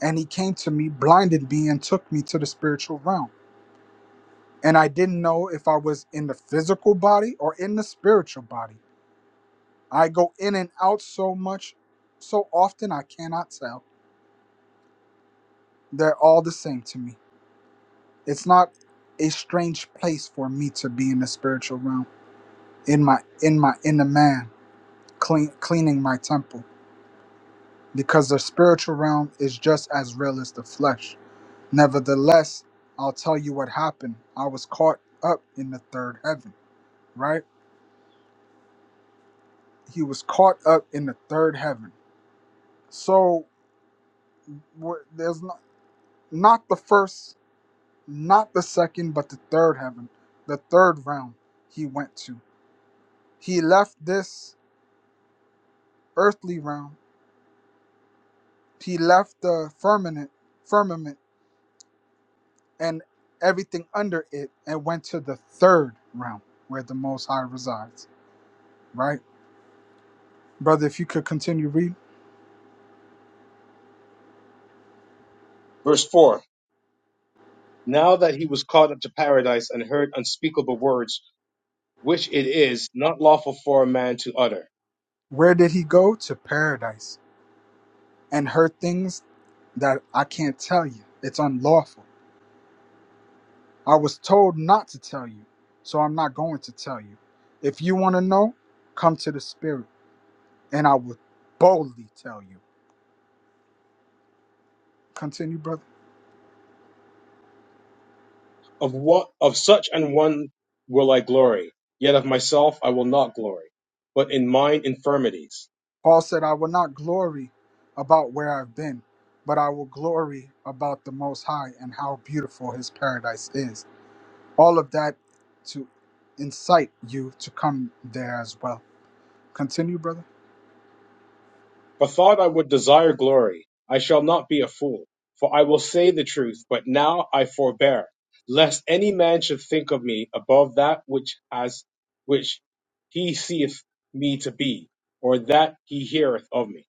and he came to me, blinded me, and took me to the spiritual realm and I didn't know if I was in the physical body or in the spiritual body. I go in and out so much, so often I cannot tell. They're all the same to me. It's not a strange place for me to be in the spiritual realm, in my in my in the man, clean, cleaning my temple, because the spiritual realm is just as real as the flesh. Nevertheless, I'll tell you what happened. I was caught up in the third heaven, right? He was caught up in the third heaven So wh- there's not, not the first, not the second, but the third heaven, the third realm he went to. He left this earthly realm. He left the firmament, firmament, and everything under it, and went to the third realm where the Most High resides. Right, brother. If you could continue read,
Verse 4 Now that he was caught up to paradise and heard unspeakable words, which it is not lawful for a man to utter,
where did he go to paradise and heard things that I can't tell you? It's unlawful I was told not to tell you, so I'm not going to tell you. If you want to know, come to the Spirit, and I will boldly tell you. Continue, brother.
of what of such and one will I glory, yet of myself I will not glory, but in mine infirmities.
Paul said, I will not glory about where I've been, but I will glory about the Most High and how beautiful His paradise is. All of that to incite you to come there as well. Continue, brother.
Bethought I would desire glory, I shall not be a fool, for I will say the truth, but now I forbear, lest any man should think of me above that which has which he seeth me to be, or that he heareth of me.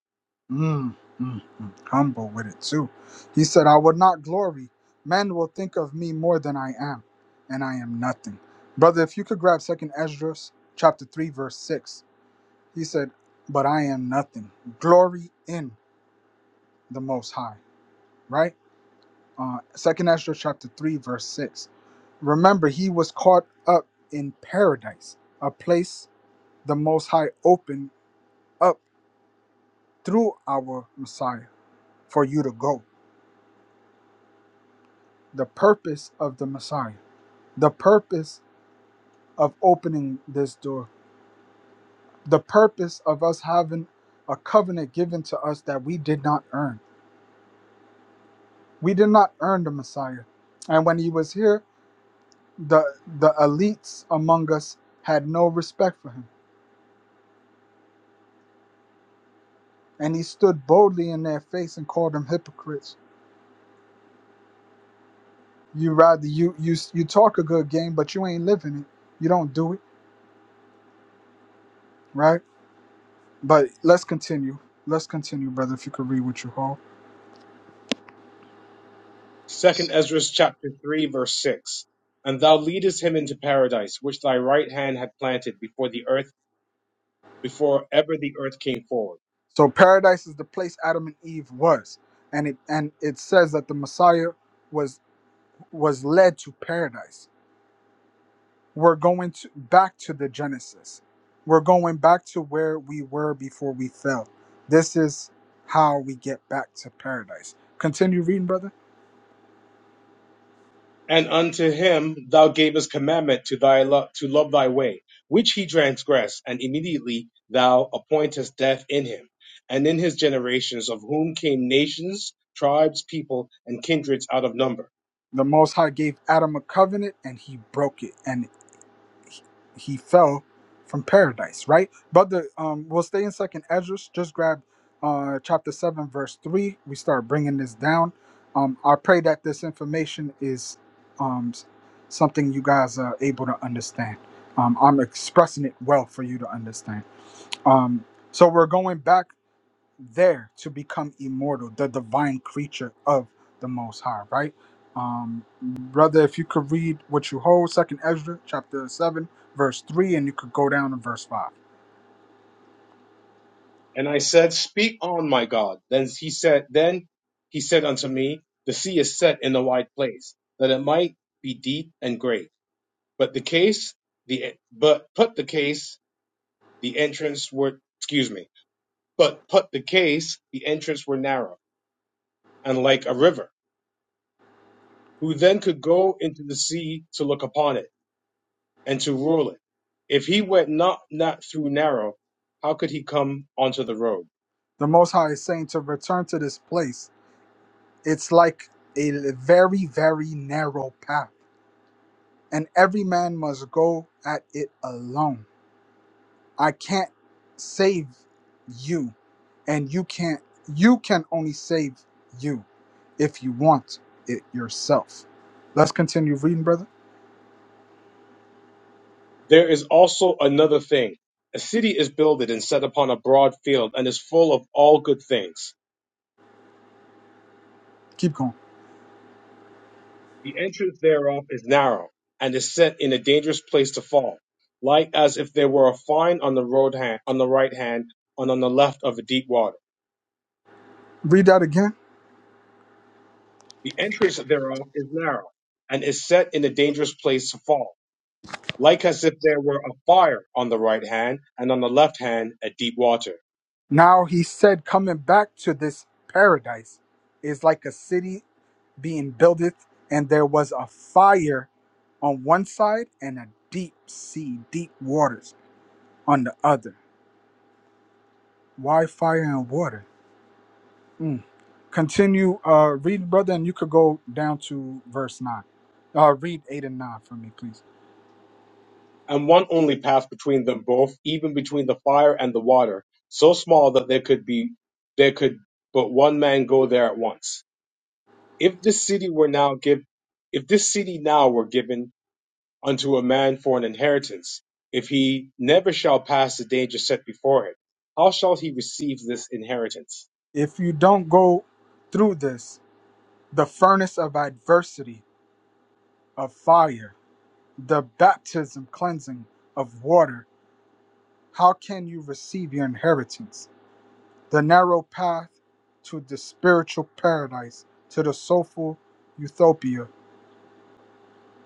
Mm, mm, mm. Humble with it too. He said, I will not glory. Men will think of me more than I am, and I am nothing. Brother, if you could grab second Ezra chapter three, verse six. He said, But I am nothing. Glory in the most high, right? Uh second Ezra chapter three, verse six. Remember, he was caught up in paradise, a place the most high opened up through our Messiah for you to go. The purpose of the Messiah. the purpose of opening this door, the purpose of us having a covenant given to us that we did not earn. We did not earn the Messiah. And when he was here, the the elites among us had no respect for him. And he stood boldly in their face and called them hypocrites. You rather you you you talk a good game, but you ain't living it. You don't do it, right? But let's continue. Let's continue, brother, if you could read what you hold.
Second Ezra chapter three verse six. And thou leadest him into paradise, which thy right hand had planted before the earth, before ever the earth came forward.
So paradise is the place Adam and Eve was, and it and it says that the Messiah was was led to paradise. We're going to back to the Genesis. We're going back to where we were before we fell. This is how we get back to paradise. Continue reading, brother.
and unto him thou gavest commandment to thy lo- to love thy way, which he transgressed, and immediately thou appointest death in him, and in his generations, of whom came nations, tribes, people, and kindreds out of number.
The Most High gave Adam a covenant, and he broke it, and he fell from paradise, right? Brother, um, we'll stay in Second Ezra. Just grab uh, chapter seven, verse three. We start bringing this down. Um, I pray that this information is um, s- something you guys are able to understand. Um, I'm expressing it well for you to understand. Um, so we're going back there to become immortal, the divine creature of the Most High, right? Um, brother, if you could read what you hold, Second Ezra chapter seven, verse three, and you could go down to verse five.
And I said, Speak on, my God. Then he said, Then he said unto me, The sea is set in a wide place, that it might be deep and great. But the case, the but put the case, the entrance were excuse me But put the case, the entrance were narrow and like a river, who then could go into the sea to look upon it and to rule it. If he went not not through narrow, how could he come onto the road?
The Most High is saying to return to this place. It's like a very, very narrow path, and every man must go at it alone I can't save you, and you can't. You can only save you if you want it yourself. Let's continue reading, brother.
There is also another thing. A city is builded and set upon a broad field and is full of all good things.
Keep going.
The entrance thereof is narrow and is set in a dangerous place to fall, like as if there were a fine on the road hand, on the right hand and on the left of a deep water
Read that again.
The entrance thereof is narrow, and is set in a dangerous place to fall, like as if there were a fire on the right hand, and on the left hand a deep water,
Now he said, coming back to this paradise is like a city being buildeth, and there was a fire on one side and a deep sea, deep waters on the other. Why fire and water? Mm. Continue. Uh, read, brother, and you could go down to verse nine. Uh, read eight and nine for me, please.
and one only path between them both, even between the fire and the water, so small that there could be there could but one man go there at once. If this city were now give if this city now were given unto a man for an inheritance, if he never shall pass the danger set before him, how shall he receive this inheritance?
If you don't go through this, the furnace of adversity, of fire, the baptism cleansing of water, how can you receive your inheritance? The narrow path to the spiritual paradise, to the soulful utopia.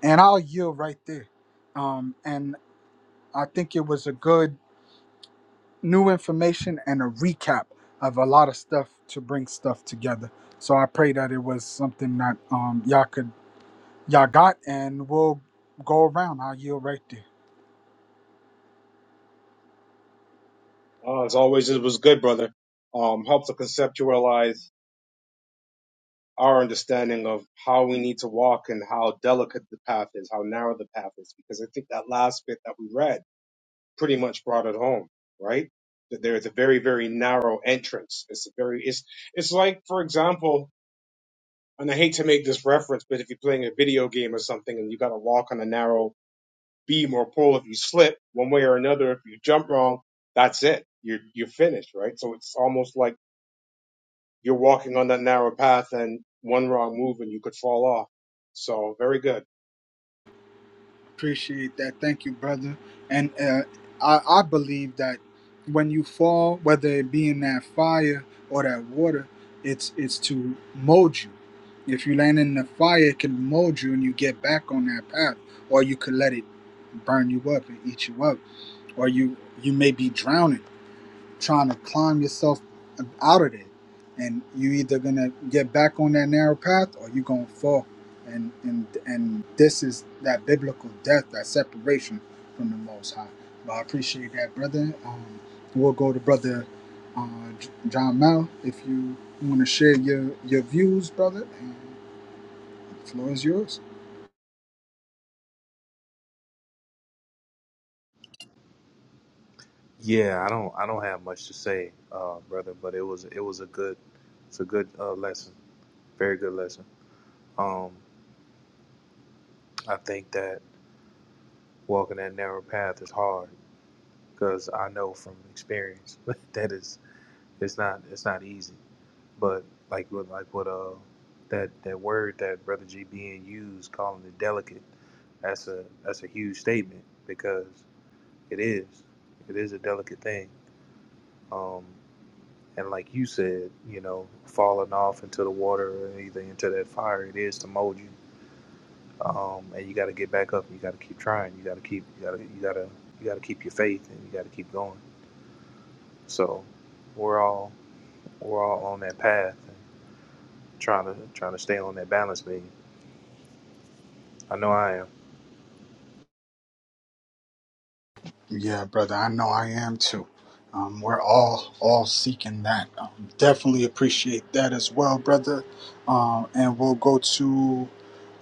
And I'll yield right there. Um, and I think it was a good new information and a recap of a lot of stuff to bring stuff together. So I pray that it was something that um, y'all could y'all got, and we'll go around. I'll yield right there.
Uh, as always, it was good, brother. Um, helps to conceptualize our understanding of how we need to walk and how delicate the path is, how narrow the path is, because I think that last bit that we read pretty much brought it home, right? That there is a very, very narrow entrance. It's a very, it's, it's like, for example, and I hate to make this reference, but if you're playing a video game or something and you got to walk on a narrow beam or pole, if you slip one way or another, if you jump wrong, that's it. You're, you're finished, right? So it's almost like you're walking on that narrow path and one wrong move and you could fall off. So very good.
Appreciate that. Thank you, brother. And uh, I, I believe that when you fall, whether it be in that fire or that water, it's it's to mold you. If you land in the fire, it can mold you, and you get back on that path, or you could let it burn you up and eat you up or you you may be drowning trying to climb yourself out of it and you either gonna get back on that narrow path or you gonna fall and and and this is that biblical death that separation from the most high but i appreciate that brother um we'll go to brother uh, J- john mel if you want to share your your views brother and the floor is yours
Yeah, I don't I don't have much to say, uh, brother, but it was it was a good it's a good uh, lesson. Very good lesson. Um I think that walking that narrow path is hard because I know from experience that is it's not it's not easy. But like what like what uh that that word that brother G being used calling it delicate, that's a that's a huge statement because. It is. It is a delicate thing. Um, and like you said, you know, falling off into the water or either into that fire, it is to mold you. Um, and you got to get back up. You got to keep trying. You got to keep. You got to. You got to. You got to keep your faith, and you got to keep going. So, we're all we're all on that path, and trying to trying to stay on that balance beam. I know I am.
Yeah, brother, I know I am too. Um, we're all all seeking that. Um, definitely appreciate that as well, brother. Um, and we'll go to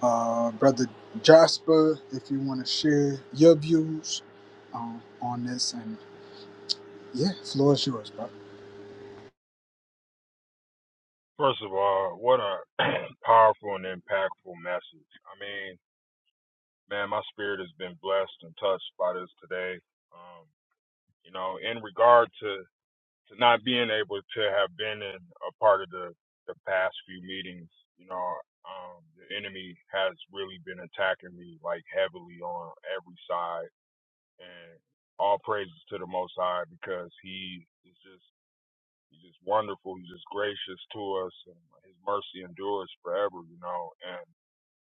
uh, brother Jasper if you want to share your views um, on this. And yeah, floor is yours, brother.
First of all, what a powerful and impactful message. I mean, man, my spirit has been blessed and touched by this today. Um, you know, in regard to, to not being able to have been in a part of the, the past few meetings, you know, um, the enemy has really been attacking me like heavily on every side and all praises to the most high because he is just He's just wonderful. He's just gracious to us. And his mercy endures forever, you know. And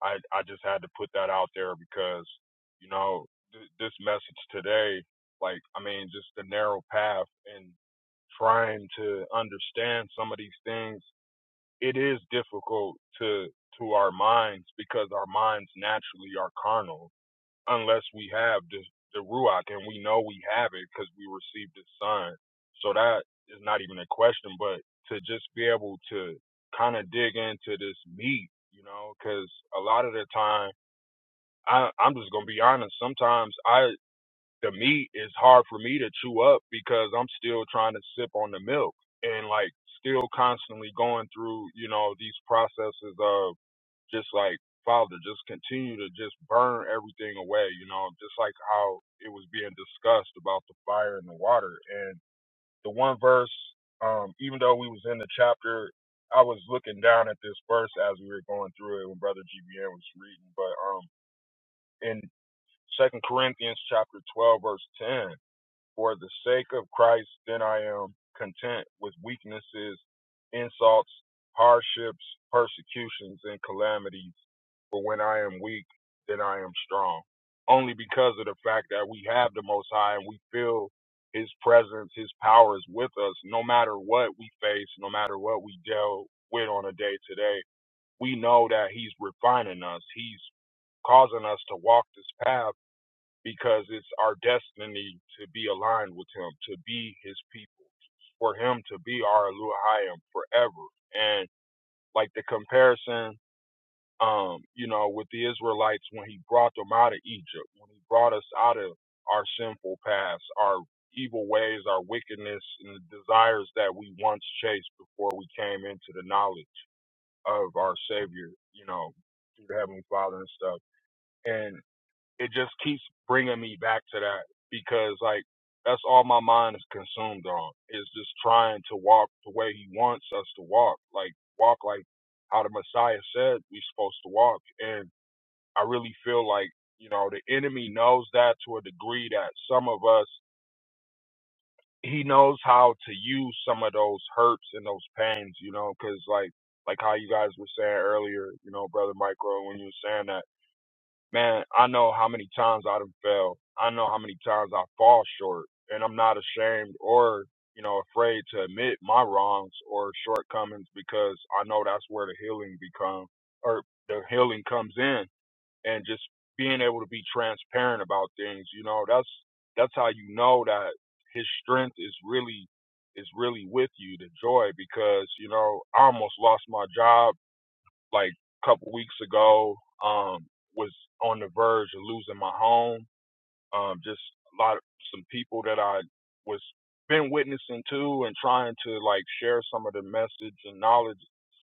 I, I just had to put that out there because, you know, th- this message today, like, I mean, just the narrow path and trying to understand some of these things, it is difficult to to our minds because our minds naturally are carnal unless we have the, the Ruach, and we know we have it because we received the Son. So that is not even a question, but to just be able to kind of dig into this meat, you know, because a lot of the time, I, I'm just going to be honest, sometimes I the meat is hard for me to chew up because I'm still trying to sip on the milk and like still constantly going through, you know, these processes of just like Father, just continue to just burn everything away, you know, just like how it was being discussed about the fire and the water. And the one verse, um, even though we was in the chapter, I was looking down at this verse as we were going through it when Brother GBN was reading, but um in Second Corinthians chapter twelve, verse ten, for the sake of Christ, then I am content with weaknesses, insults, hardships, persecutions, and calamities. For when I am weak, then I am strong. Only because of the fact that we have the Most High and we feel His presence, His power is with us, no matter what we face, no matter what we deal with on a day to day. We know that He's refining us. He's causing us to walk this path because it's our destiny to be aligned with him, to be his people, for him to be our Elohim forever. And like the comparison, um, you know, with the Israelites when he brought them out of Egypt, when he brought us out of our sinful past, our evil ways, our wickedness, and the desires that we once chased before we came into the knowledge of our Savior, you know, through the Heavenly Father and stuff. and it just keeps bringing me back to that because like that's all my mind is consumed on is just trying to walk the way he wants us to walk like walk like how the messiah said we are supposed to walk and i really feel like you know the enemy knows that to a degree that some of us he knows how to use some of those hurts and those pains you know because like like how you guys were saying earlier you know brother michael when you were saying that man, I know how many times I've failed. I know how many times I fall short, and I'm not ashamed or you know afraid to admit my wrongs or shortcomings because I know that's where the healing become or the healing comes in, and just being able to be transparent about things. You know, that's that's how you know that his strength is really is really with you, the joy, because you know I almost lost my job like a couple weeks ago um was on the verge of losing my home um just a lot of some people that i was been witnessing to and trying to like share some of the message and knowledge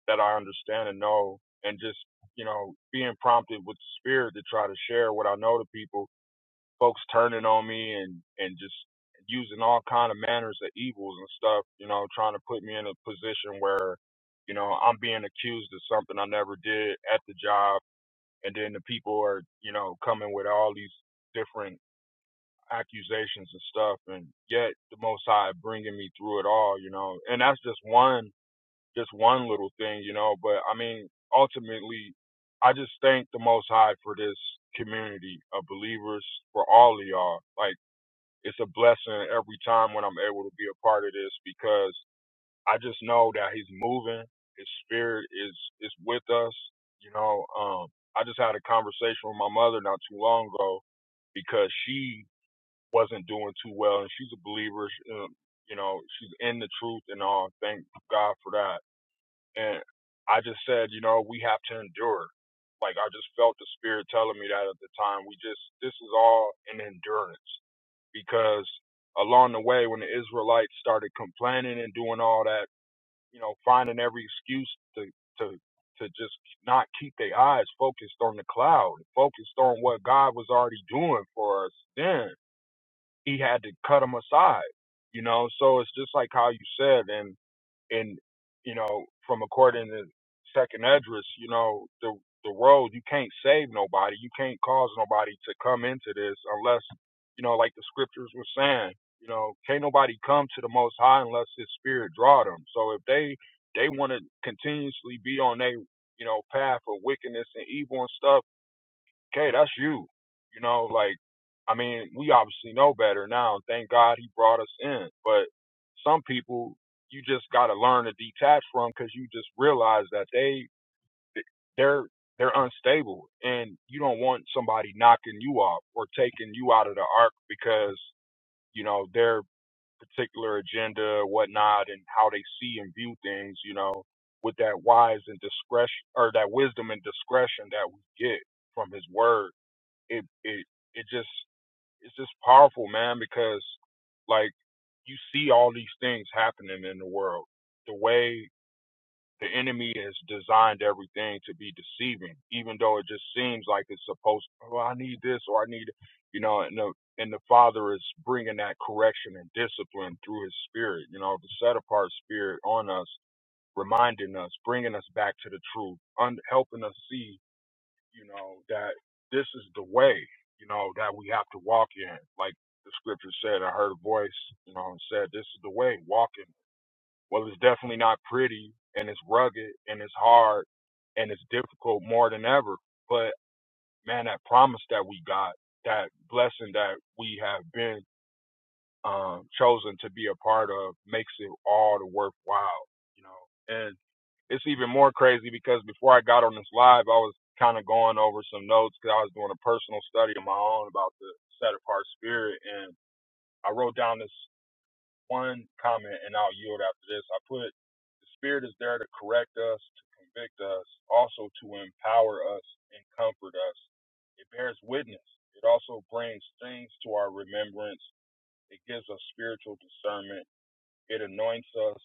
that i understand and know and just you know being prompted with the spirit to try to share what i know to people folks turning on me and and just using all kind of manners of evils and stuff, you know, trying to put me in a position where, you know, I'm being accused of something I never did at the job and then the people are, you know, coming with all these different accusations and stuff and yet the most high bringing me through it all, you know. And that's just one just one little thing, you know, but I mean, ultimately I just thank the Most High for this community of believers, for all of y'all. like it's a blessing every time when I'm able to be a part of this because I just know that he's moving. His spirit is is with us. You know, um, I just had a conversation with my mother not too long ago because she wasn't doing too well, and she's a believer. She, um, you know, she's in the truth and all. Thank God for that. And I just said, you know, we have to endure. Like I just felt the spirit telling me that at the time. We just this is all an endurance because along the way when the Israelites started complaining and doing all that, you know, finding every excuse to to to just not keep their eyes focused on the cloud, focused on what God was already doing for us, then he had to cut them aside. You know, so it's just like how you said, and and you know, from according to second address, you know, the the world you can't save nobody, you can't cause nobody to come into this unless, you know, like the scriptures were saying, you know, can't nobody come to the Most High unless His Spirit draw them. So if they they want to continuously be on their you know path of wickedness and evil and stuff okay, that's you. You know, like, I mean, we obviously know better now. And thank God he brought us in. But some people, you just got to learn to detach from because you just realize that they, they're, they're unstable and you don't want somebody knocking you off or taking you out of the arc because, you know, their particular agenda or whatnot and how they see and view things, you know, with that wise and discretion or that wisdom and discretion that we get from his word it it it just it's just powerful, man, because like you see all these things happening in the world. The way the enemy has designed everything to be deceiving, even though it just seems like it's supposed. to, Oh, I need this, or I need, you know, and the and the Father is bringing that correction and discipline through His Spirit, you know, the set apart Spirit on us, reminding us, bringing us back to the truth, un- helping us see you know, that this is the way, you know, that we have to walk in. Like the scripture said, I heard a voice, you know, and said, This is the way, walking. Well, it's definitely not pretty and it's rugged and it's hard and it's difficult more than ever. But man, that promise that we got, that blessing that we have been um, chosen to be a part of makes it all the worthwhile, you know. and it's even more crazy because before I got on this live, I was kind of going over some notes because I was doing a personal study of my own about the set apart spirit, and I wrote down this one comment, and I'll yield after this. I put the spirit is there to correct us, to convict us, also to empower us and comfort us. It bears witness. It also brings things to our remembrance. It gives us spiritual discernment. It anoints us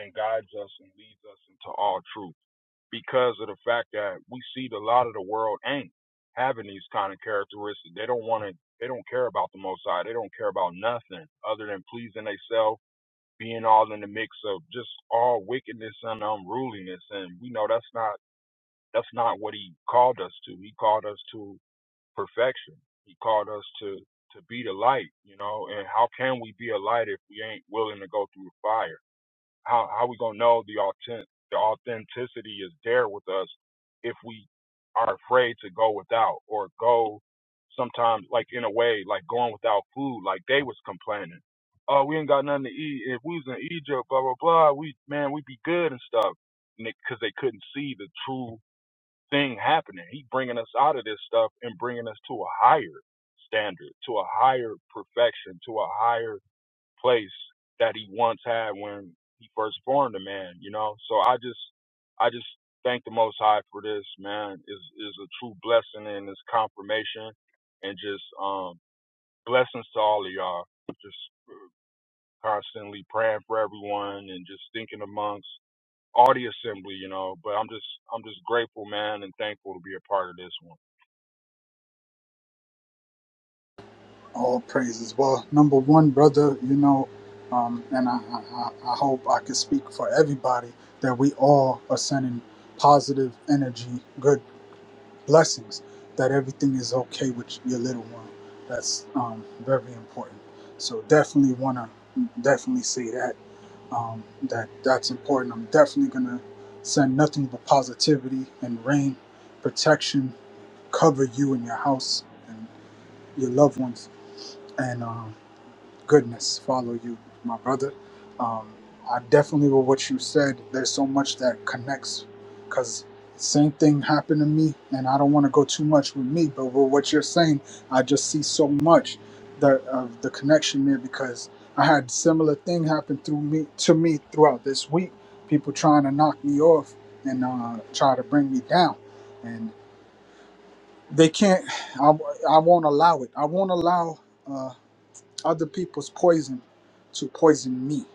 and guides us and leads us into all truth because of the fact that we see that a lot of the world ain't having these kind of characteristics. They don't want to. They don't care about the Most High. They don't care about nothing other than pleasing themselves, being all in the mix of just all wickedness and unruliness. And we know that's not that's not what He called us to. He called us to perfection. He called us to to be the light. You know, and how can we be a light if we ain't willing to go through the fire? How how we gonna know the authentic the authenticity is there with us if we are afraid to go without or go sometimes like in a way like going without food like they was complaining. Oh, we ain't got nothing to eat. If we was in Egypt, blah blah blah, we man we'd be good and stuff. And Because they couldn't see the true thing happening. He bringing us out of this stuff and bringing us to a higher standard, to a higher perfection, to a higher place that he once had when he first formed a man, you know? So I just I just thank the most high for this, man. Is is a true blessing and it's confirmation and just um blessings to all of y'all. Just constantly praying for everyone and just thinking amongst all the assembly, you know. But I'm just I'm just grateful, man, and thankful to be a part of this one.
All praises. Well, number one, brother, you know, um, and I, I, I I hope I can speak for everybody that we all are sending positive energy, good blessings that everything is okay with your little one that's um, very important so definitely want to definitely say that um, that that's important i'm definitely going to send nothing but positivity and rain protection cover you and your house and your loved ones and um, goodness follow you, my brother. Um, I definitely with what you said. There's so much that connects, cause same thing happened to me, and I don't want to go too much with me, but with what you're saying, I just see so much that of the connection there because I had similar thing happen through me to me throughout this week. People trying to knock me off and uh, try to bring me down, and they can't. I, I won't allow it. I won't allow. Uh, other people's poison to poison me.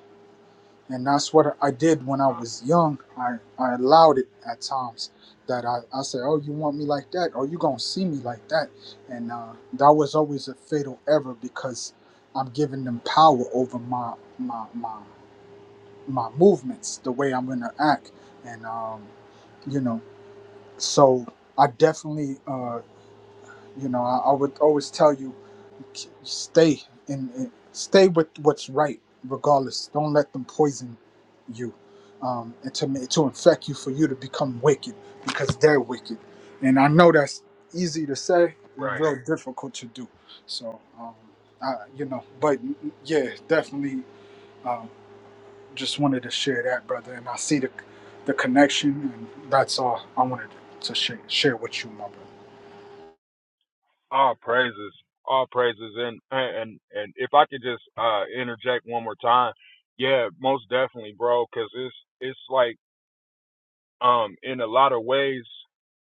And that's what I did when I
Uh,
was young. I, I allowed it at times that I, I said, Oh, you want me like that? Oh, you going to see me like that. And uh, that was always a fatal error because I'm giving them power over my, my, my, my movements, the way I'm going to act. And, um, you know, so I definitely, uh, you know, I, I would always tell you stay and, and stay with what's right regardless don't let them poison you um, and to ma- to infect you for you to become wicked because they're wicked and i know that's easy to say and
right.
real difficult to do so um, I, you know but mm, mm, yeah definitely um, just wanted to share that brother and i see the the connection and that's all i wanted to share, share with you my brother
All praises, all praises, and and and if I could just uh interject one more time, yeah, most definitely, bro, because it's it's like um in a lot of ways,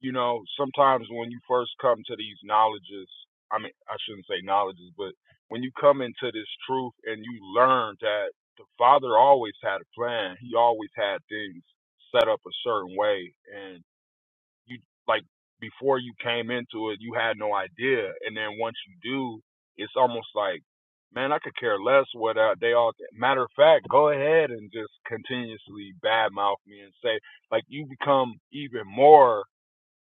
you know, sometimes when you first come to these knowledges, I mean, I shouldn't say knowledges, but when you come into this truth and you learn that the Father always had a plan, He always had things set up a certain way, and you like before you came into it, you had no idea, and then once you do, it's almost like, man, I could care less what uh, they all. Think. Matter of fact, go ahead and just continuously badmouth me and say like you become even more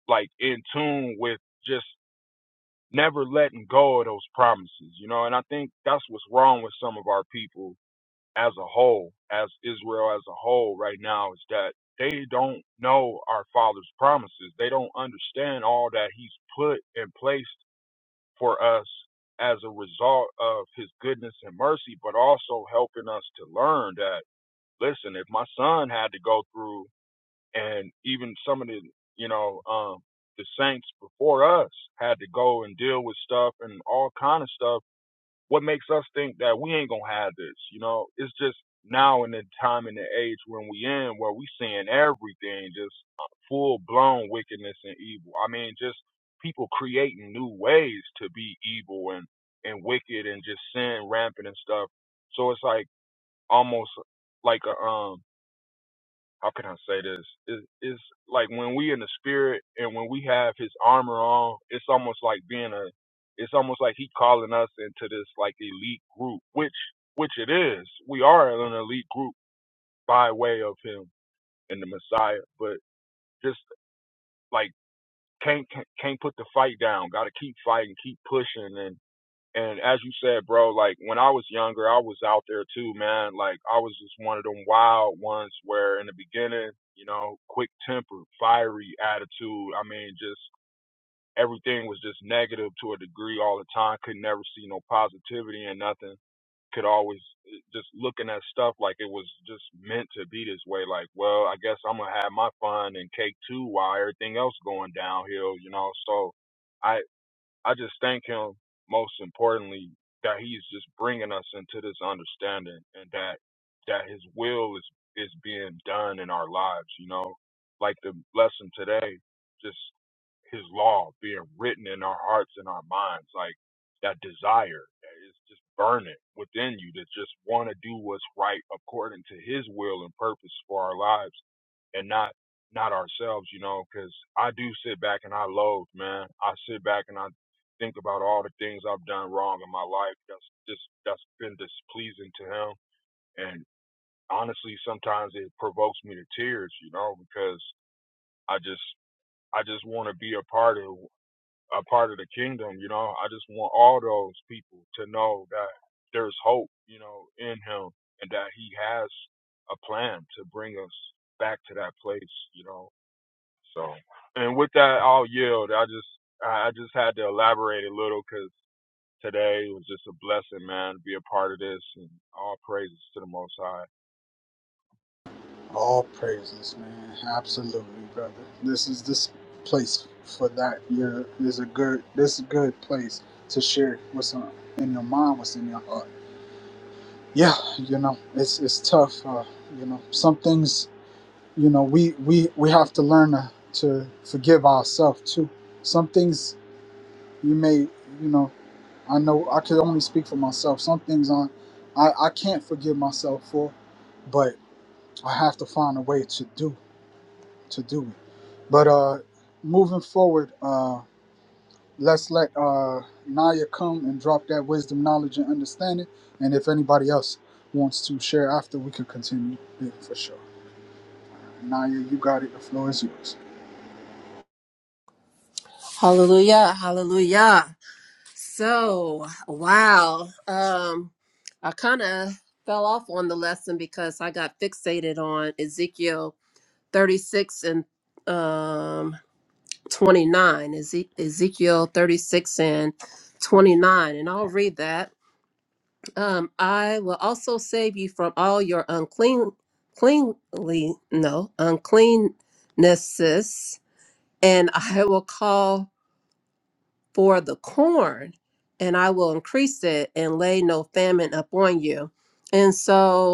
like in tune with just never letting go of those promises, you know. And I think that's what's wrong with some of our people as a whole, as Israel as a whole right now, is that they don't know our Father's promises. They don't understand all that He's put and placed for us as a result of His goodness and mercy, but also helping us to learn that, listen, if my son had to go through and even some of the, you know, um, the saints before us had to go and deal with stuff and all kind of stuff what makes us think that we ain't gonna have this? You know, it's just now in the time and the age when we in where we seeing everything just full blown wickedness and evil. I mean, just people creating new ways to be evil and and wicked and just sin rampant and stuff. So it's like almost like a um how can I say this? It, it's like when we in the spirit and when we have His armor on, it's almost like being a, it's almost like He calling us into this like elite group, which which it is. We are an elite group by way of Him and the Messiah, but just like can't can't can't put the fight down. Got to keep fighting, keep pushing, and as you said, bro, like when I was younger, I was out there too, man. Like I was just one of them wild ones where in the beginning, you know, quick temper, fiery attitude. I mean, just everything was just negative to a degree all the time. Could never see no positivity and nothing. Could always eh, just looking at stuff like it was just meant to be this way. Like, well, I guess I'm gonna have my fun and cake too while everything else going downhill, you know. So, I just thank him most importantly that he's just bringing us into this understanding and that that his will is is being done in our lives, you know. Like the lesson today, just his law being written in our hearts and our minds, like that desire that is just burning within you to just want to do what's right according to his will and purpose for our lives and not not ourselves, you know, because I do sit back and I loathe, man. I sit back and I think about all the things I've done wrong in my life that's just that's been displeasing to him and honestly sometimes it provokes me to tears, you know, because I just I just want to be a part of a part of the kingdom, you know. I just want all those people to know that there's hope, you know, in him and that he has a plan to bring us back to that place, you know. So, and with that, I'll yield. I just I just had to elaborate a little because today. It was just a blessing, man, to be a part of this. And all praises to the Most High.
All praises, man. Absolutely, brother. This is this place for that. Your is a good. This is a good place to share what's on, in your mind, what's in your heart. Yeah, you know, it's it's tough. Uh, you know, some things. You know, we we we have to learn to, to forgive ourselves too. Some things you may, you know, I know I could only speak for myself. Some things I I, I can't forgive myself for, but I have to find a way to do. to do it. But uh, moving forward, uh, let's let uh, Naya come and drop that wisdom, knowledge, and understanding. And if anybody else wants to share after, we can continue yeah, for sure. Naya, you got it. The floor is yours.
Hallelujah. Hallelujah. So, wow. Um, I kind of fell off on the lesson because I got fixated on Ezekiel 36 and um 29, Eze- Ezekiel 36 and 29. And I'll read that. Um, I will also save you from all your unclean, cleanly, no, uncleannesses, and I will call for the corn, and I will increase it and lay no famine upon you. And so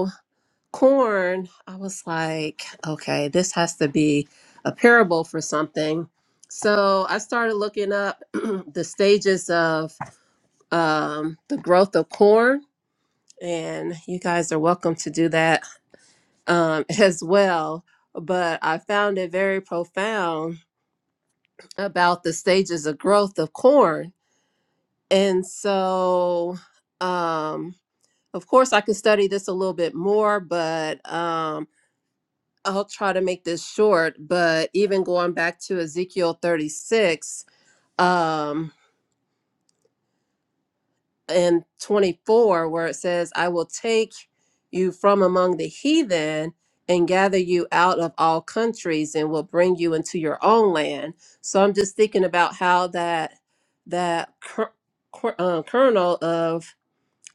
corn, I was like, okay, this has to be a parable for something. So I started looking up the stages of um, the growth of corn, and you guys are welcome to do that um, as well. But I found it very profound about the stages of growth of corn. And so, um, of course, I could study this a little bit more, but um, I'll try to make this short, but even going back to Ezekiel 36 um, and 24, where it says, I will take you from among the heathen and gather you out of all countries and will bring you into your own land. So I'm just thinking about how that that cur- cur- uh, kernel of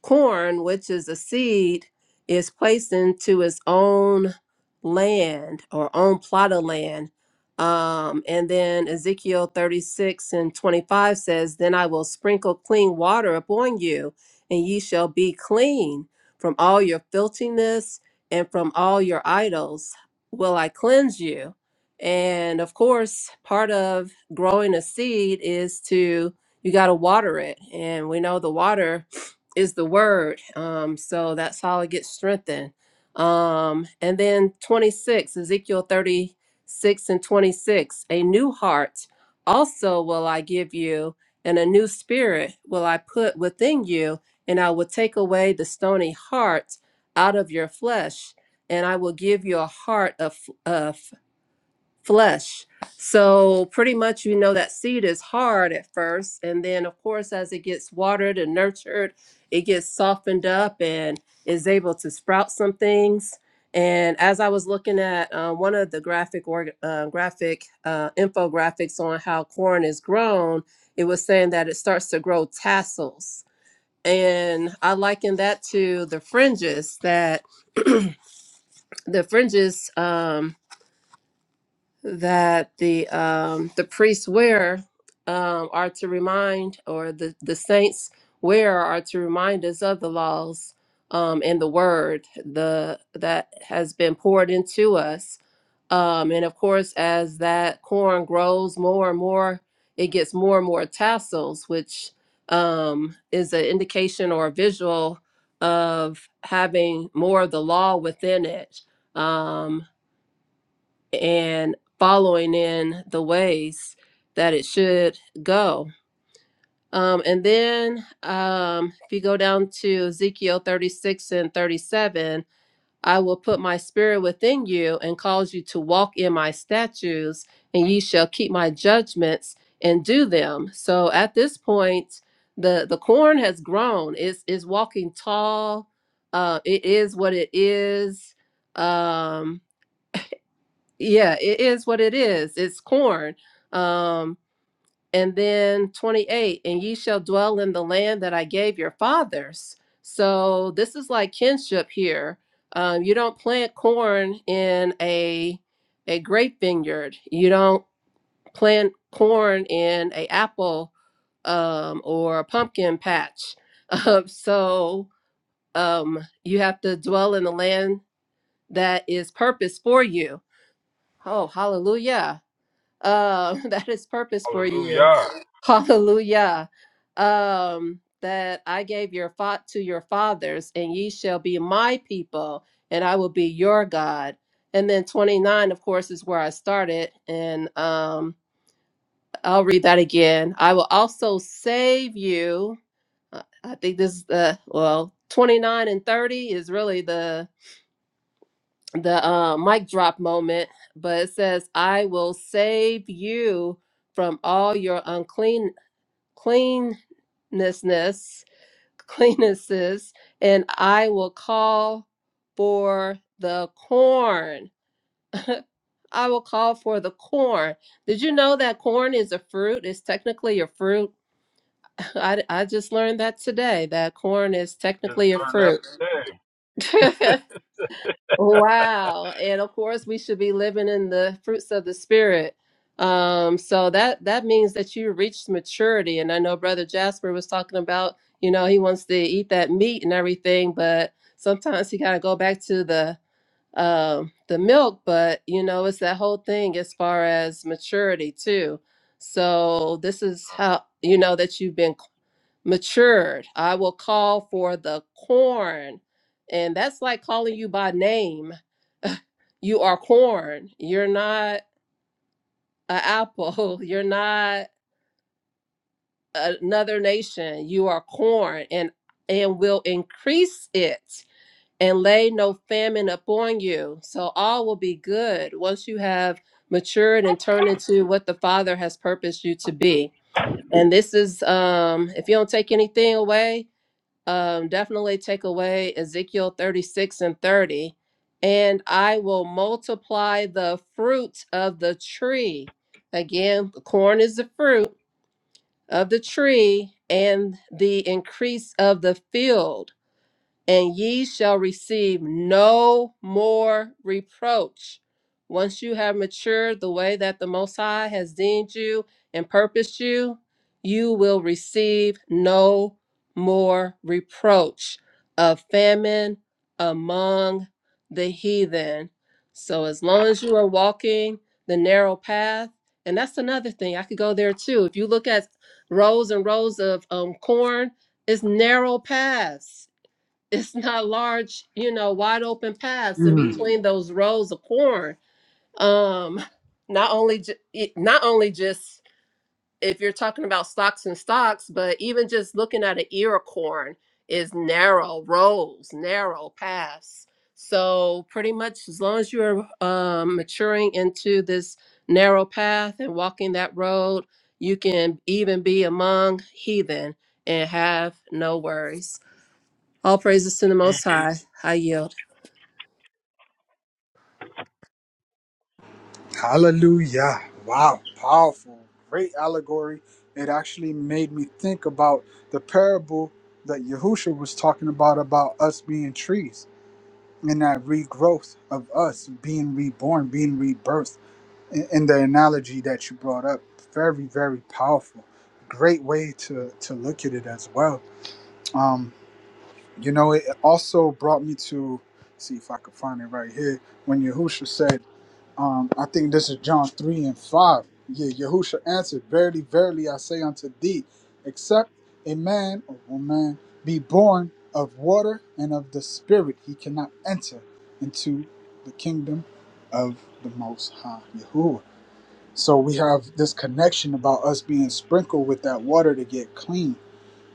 corn, which is a seed, is placed into its own land or own plot of land. Um, and then Ezekiel 36 and 25 says, Then I will sprinkle clean water upon you, and ye shall be clean from all your filthiness and from all your idols. Will I cleanse you? And of course, part of growing a seed is to, you got to water it. And we know the water is the word. Um, so that's how it gets strengthened. Um, and then 26, Ezekiel 36 and 26, a new heart also will I give you, and a new spirit will I put within you, and I will take away the stony heart out of your flesh, and I will give you a heart of, of flesh. So pretty much you know that seed is hard at first and then of course as it gets watered and nurtured, it gets softened up and is able to sprout some things. And as I was looking at uh, one of the graphic or uh, graphic uh, infographics on how corn is grown, it was saying that it starts to grow tassels. And I liken that to the fringes that the fringes um, that the um, the priests wear um, are to remind, or the the saints wear are to remind us of the laws um, and the word the that has been poured into us. Um, and of course, as that corn grows more and more, it gets more and more tassels, which um, is an indication or a visual of having more of the law within it. Um, and following in the ways that it should go. Um, and then um, if you go down to Ezekiel 36 and 37, I will put my spirit within you and cause you to walk in my statutes, and ye shall keep my judgments and do them. So at this point, the, the corn has grown. It's, it's walking tall. Uh, it is what it is. Um, yeah, it is what it is. It's corn. Um, and then 28, and ye shall dwell in the land that I gave your fathers. So this is like kinship here. Um, you don't plant corn in a a grape vineyard. You don't plant corn in a apple um, or a pumpkin patch. Um, so um, you have to dwell in the land that is purpose for you. Oh, hallelujah um, that is purpose for you.
Hallelujah.
Hallelujah. Um, that I gave your thought to your fathers, and ye shall be my people, and I will be your God. And then 29, of course, is where I started. And um, I'll read that again. I will also save you. I I think this, uh, well, 29 and 30 is really the the uh, mic drop moment, but it says, "I will save you from all your unclean cleannessness, cleannesses, and I will call for the corn. I will call for the corn." Did you know that corn is a fruit? It's technically a fruit. I, I just learned that today. That corn is
Just
technically a
learned that
fruit.
today.
Wow. And of course, we should be living in the fruits of the spirit. Um, so that that means that you reached maturity. And I know Brother Jasper was talking about, you know, he wants to eat that meat and everything, but sometimes he gotta go back to the um the milk, but you know, it's that whole thing as far as maturity too. So this is how you know that you've been matured. I will call for the corn and that's like calling you by name you are corn. You're not an apple. You're not another nation. You are corn, and and will increase it, and lay no famine upon you. So all will be good once you have matured and turned into what the Father has purposed you to be. And this is, um, if you don't take anything away, um, definitely take away Ezekiel 36 and 30. And I will multiply the fruit of the tree. Again, corn is the fruit of the tree and the increase of the field and ye shall receive no more reproach. Once you have matured the way that the Most High has deemed you and purposed you, you will receive no more reproach of famine among the heathen. So, as long as you are walking the narrow path, and that's another thing, I could go there too. If you look at rows and rows of um, corn, it's narrow paths it's not large, you know, wide open paths in between those rows of corn. Um, not only ju- it- not only just if you're talking about stocks and stocks, but even just looking at an ear of corn is narrow rows, narrow paths. So pretty much as long as you're um, maturing into this narrow path and walking that road, you can even be among heathen and have no worries. All praises to the
Mm.
Most High. I yield.
Hallelujah. Wow. Powerful. Great allegory. It actually made me think about the parable that Yahusha was talking about, about us being trees and that regrowth of us being reborn, being rebirthed and and the analogy that you brought up very very powerful great way to to look at it as well um you know it also brought me to see if i could find it right here when Yahusha said um i think this is john 3 and 5 yeah Yahusha answered verily verily i say unto thee except a man or woman be born of water and of the spirit he cannot enter into the kingdom of the most high Yahuwah so we have this connection about us being sprinkled with that water to get clean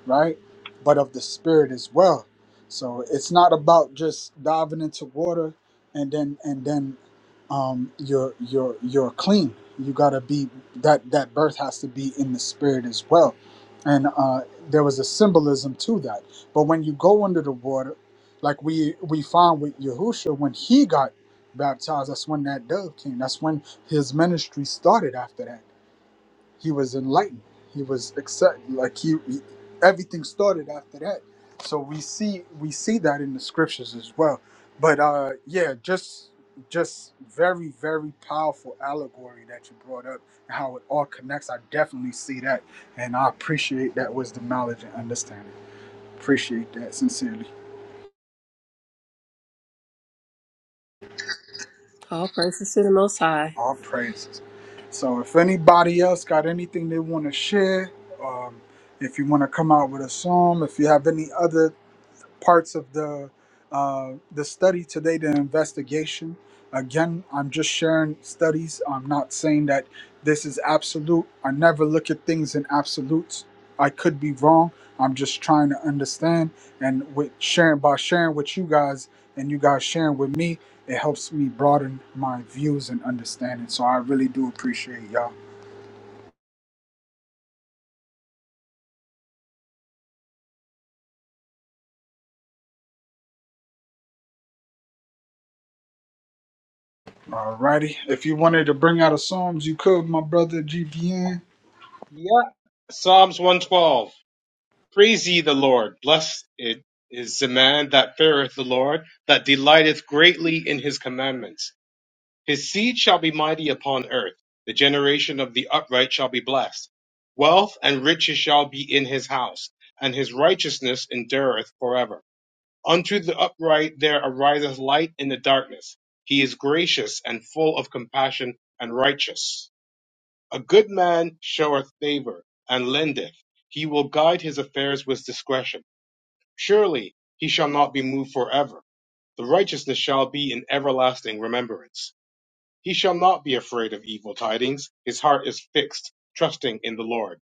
right? But of the spirit as well. So it's not about just diving into water and then and then um, you're you're you're clean. You gotta be that that birth has to be in the spirit as well. And uh, there was a symbolism to that. But when you go under the water, like we we found with Yahusha when he got baptized, that's when that dove came. That's when his ministry started after that he was enlightened. He was accepted. like he, he everything started after that. So we see we see that in the scriptures as well. But uh yeah, just just very very powerful allegory that you brought up and how it all connects. I definitely see that and I appreciate that wisdom, knowledge and understanding. Appreciate that sincerely.
All praises to the Most High.
All praises. So if anybody else got anything they want to share, um if you want to come out with a psalm, if you have any other parts of the uh, the study today, the investigation. Again, I'm just sharing studies. I'm not saying that this is absolute. I never look at things in absolutes. I could be wrong. I'm just trying to understand, and with sharing by sharing with you guys, and you guys sharing with me, it helps me broaden my views and understanding. So I really do appreciate y'all. Alrighty, if you wanted to bring out a psalms, you could, my brother GBN.
Yeah. Psalms 112. Praise ye the Lord. Blessed it is the man that feareth the Lord, that delighteth greatly in his commandments. His seed shall be mighty upon earth. The generation of the upright shall be blessed. Wealth and riches shall be in his house, and his righteousness endureth forever. Unto the upright there ariseth light in the darkness. He is gracious and full of compassion and righteous. A good man showeth favor and lendeth. He will guide his affairs with discretion. Surely he shall not be moved forever. The righteousness shall be in everlasting remembrance. He shall not be afraid of evil tidings. His heart is fixed, trusting in the Lord.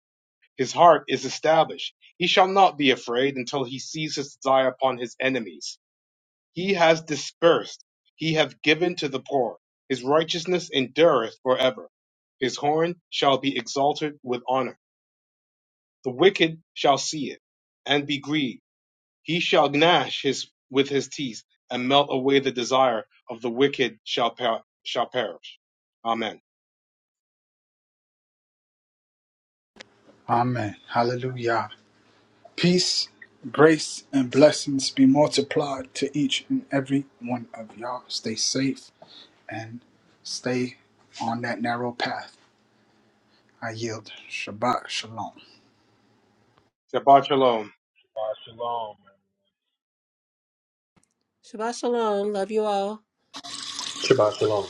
His heart is established. He shall not be afraid until he sees his desire upon his enemies. He has dispersed, he hath given to the poor. His righteousness endureth forever. His horn shall be exalted with honor. The wicked shall see it, and be grieved. He shall gnash his with his teeth, and melt away the desire of the wicked shall per- shall perish. Amen.
Amen. Hallelujah. Peace, grace, and blessings be multiplied to each and every one of y'all. Stay safe and stay on that narrow path. I yield. Shabbat Shalom.
Shabbat shalom.
Ah, Shalom, man.
Shabbat Shalom. Love you all.
Shabbat shalom.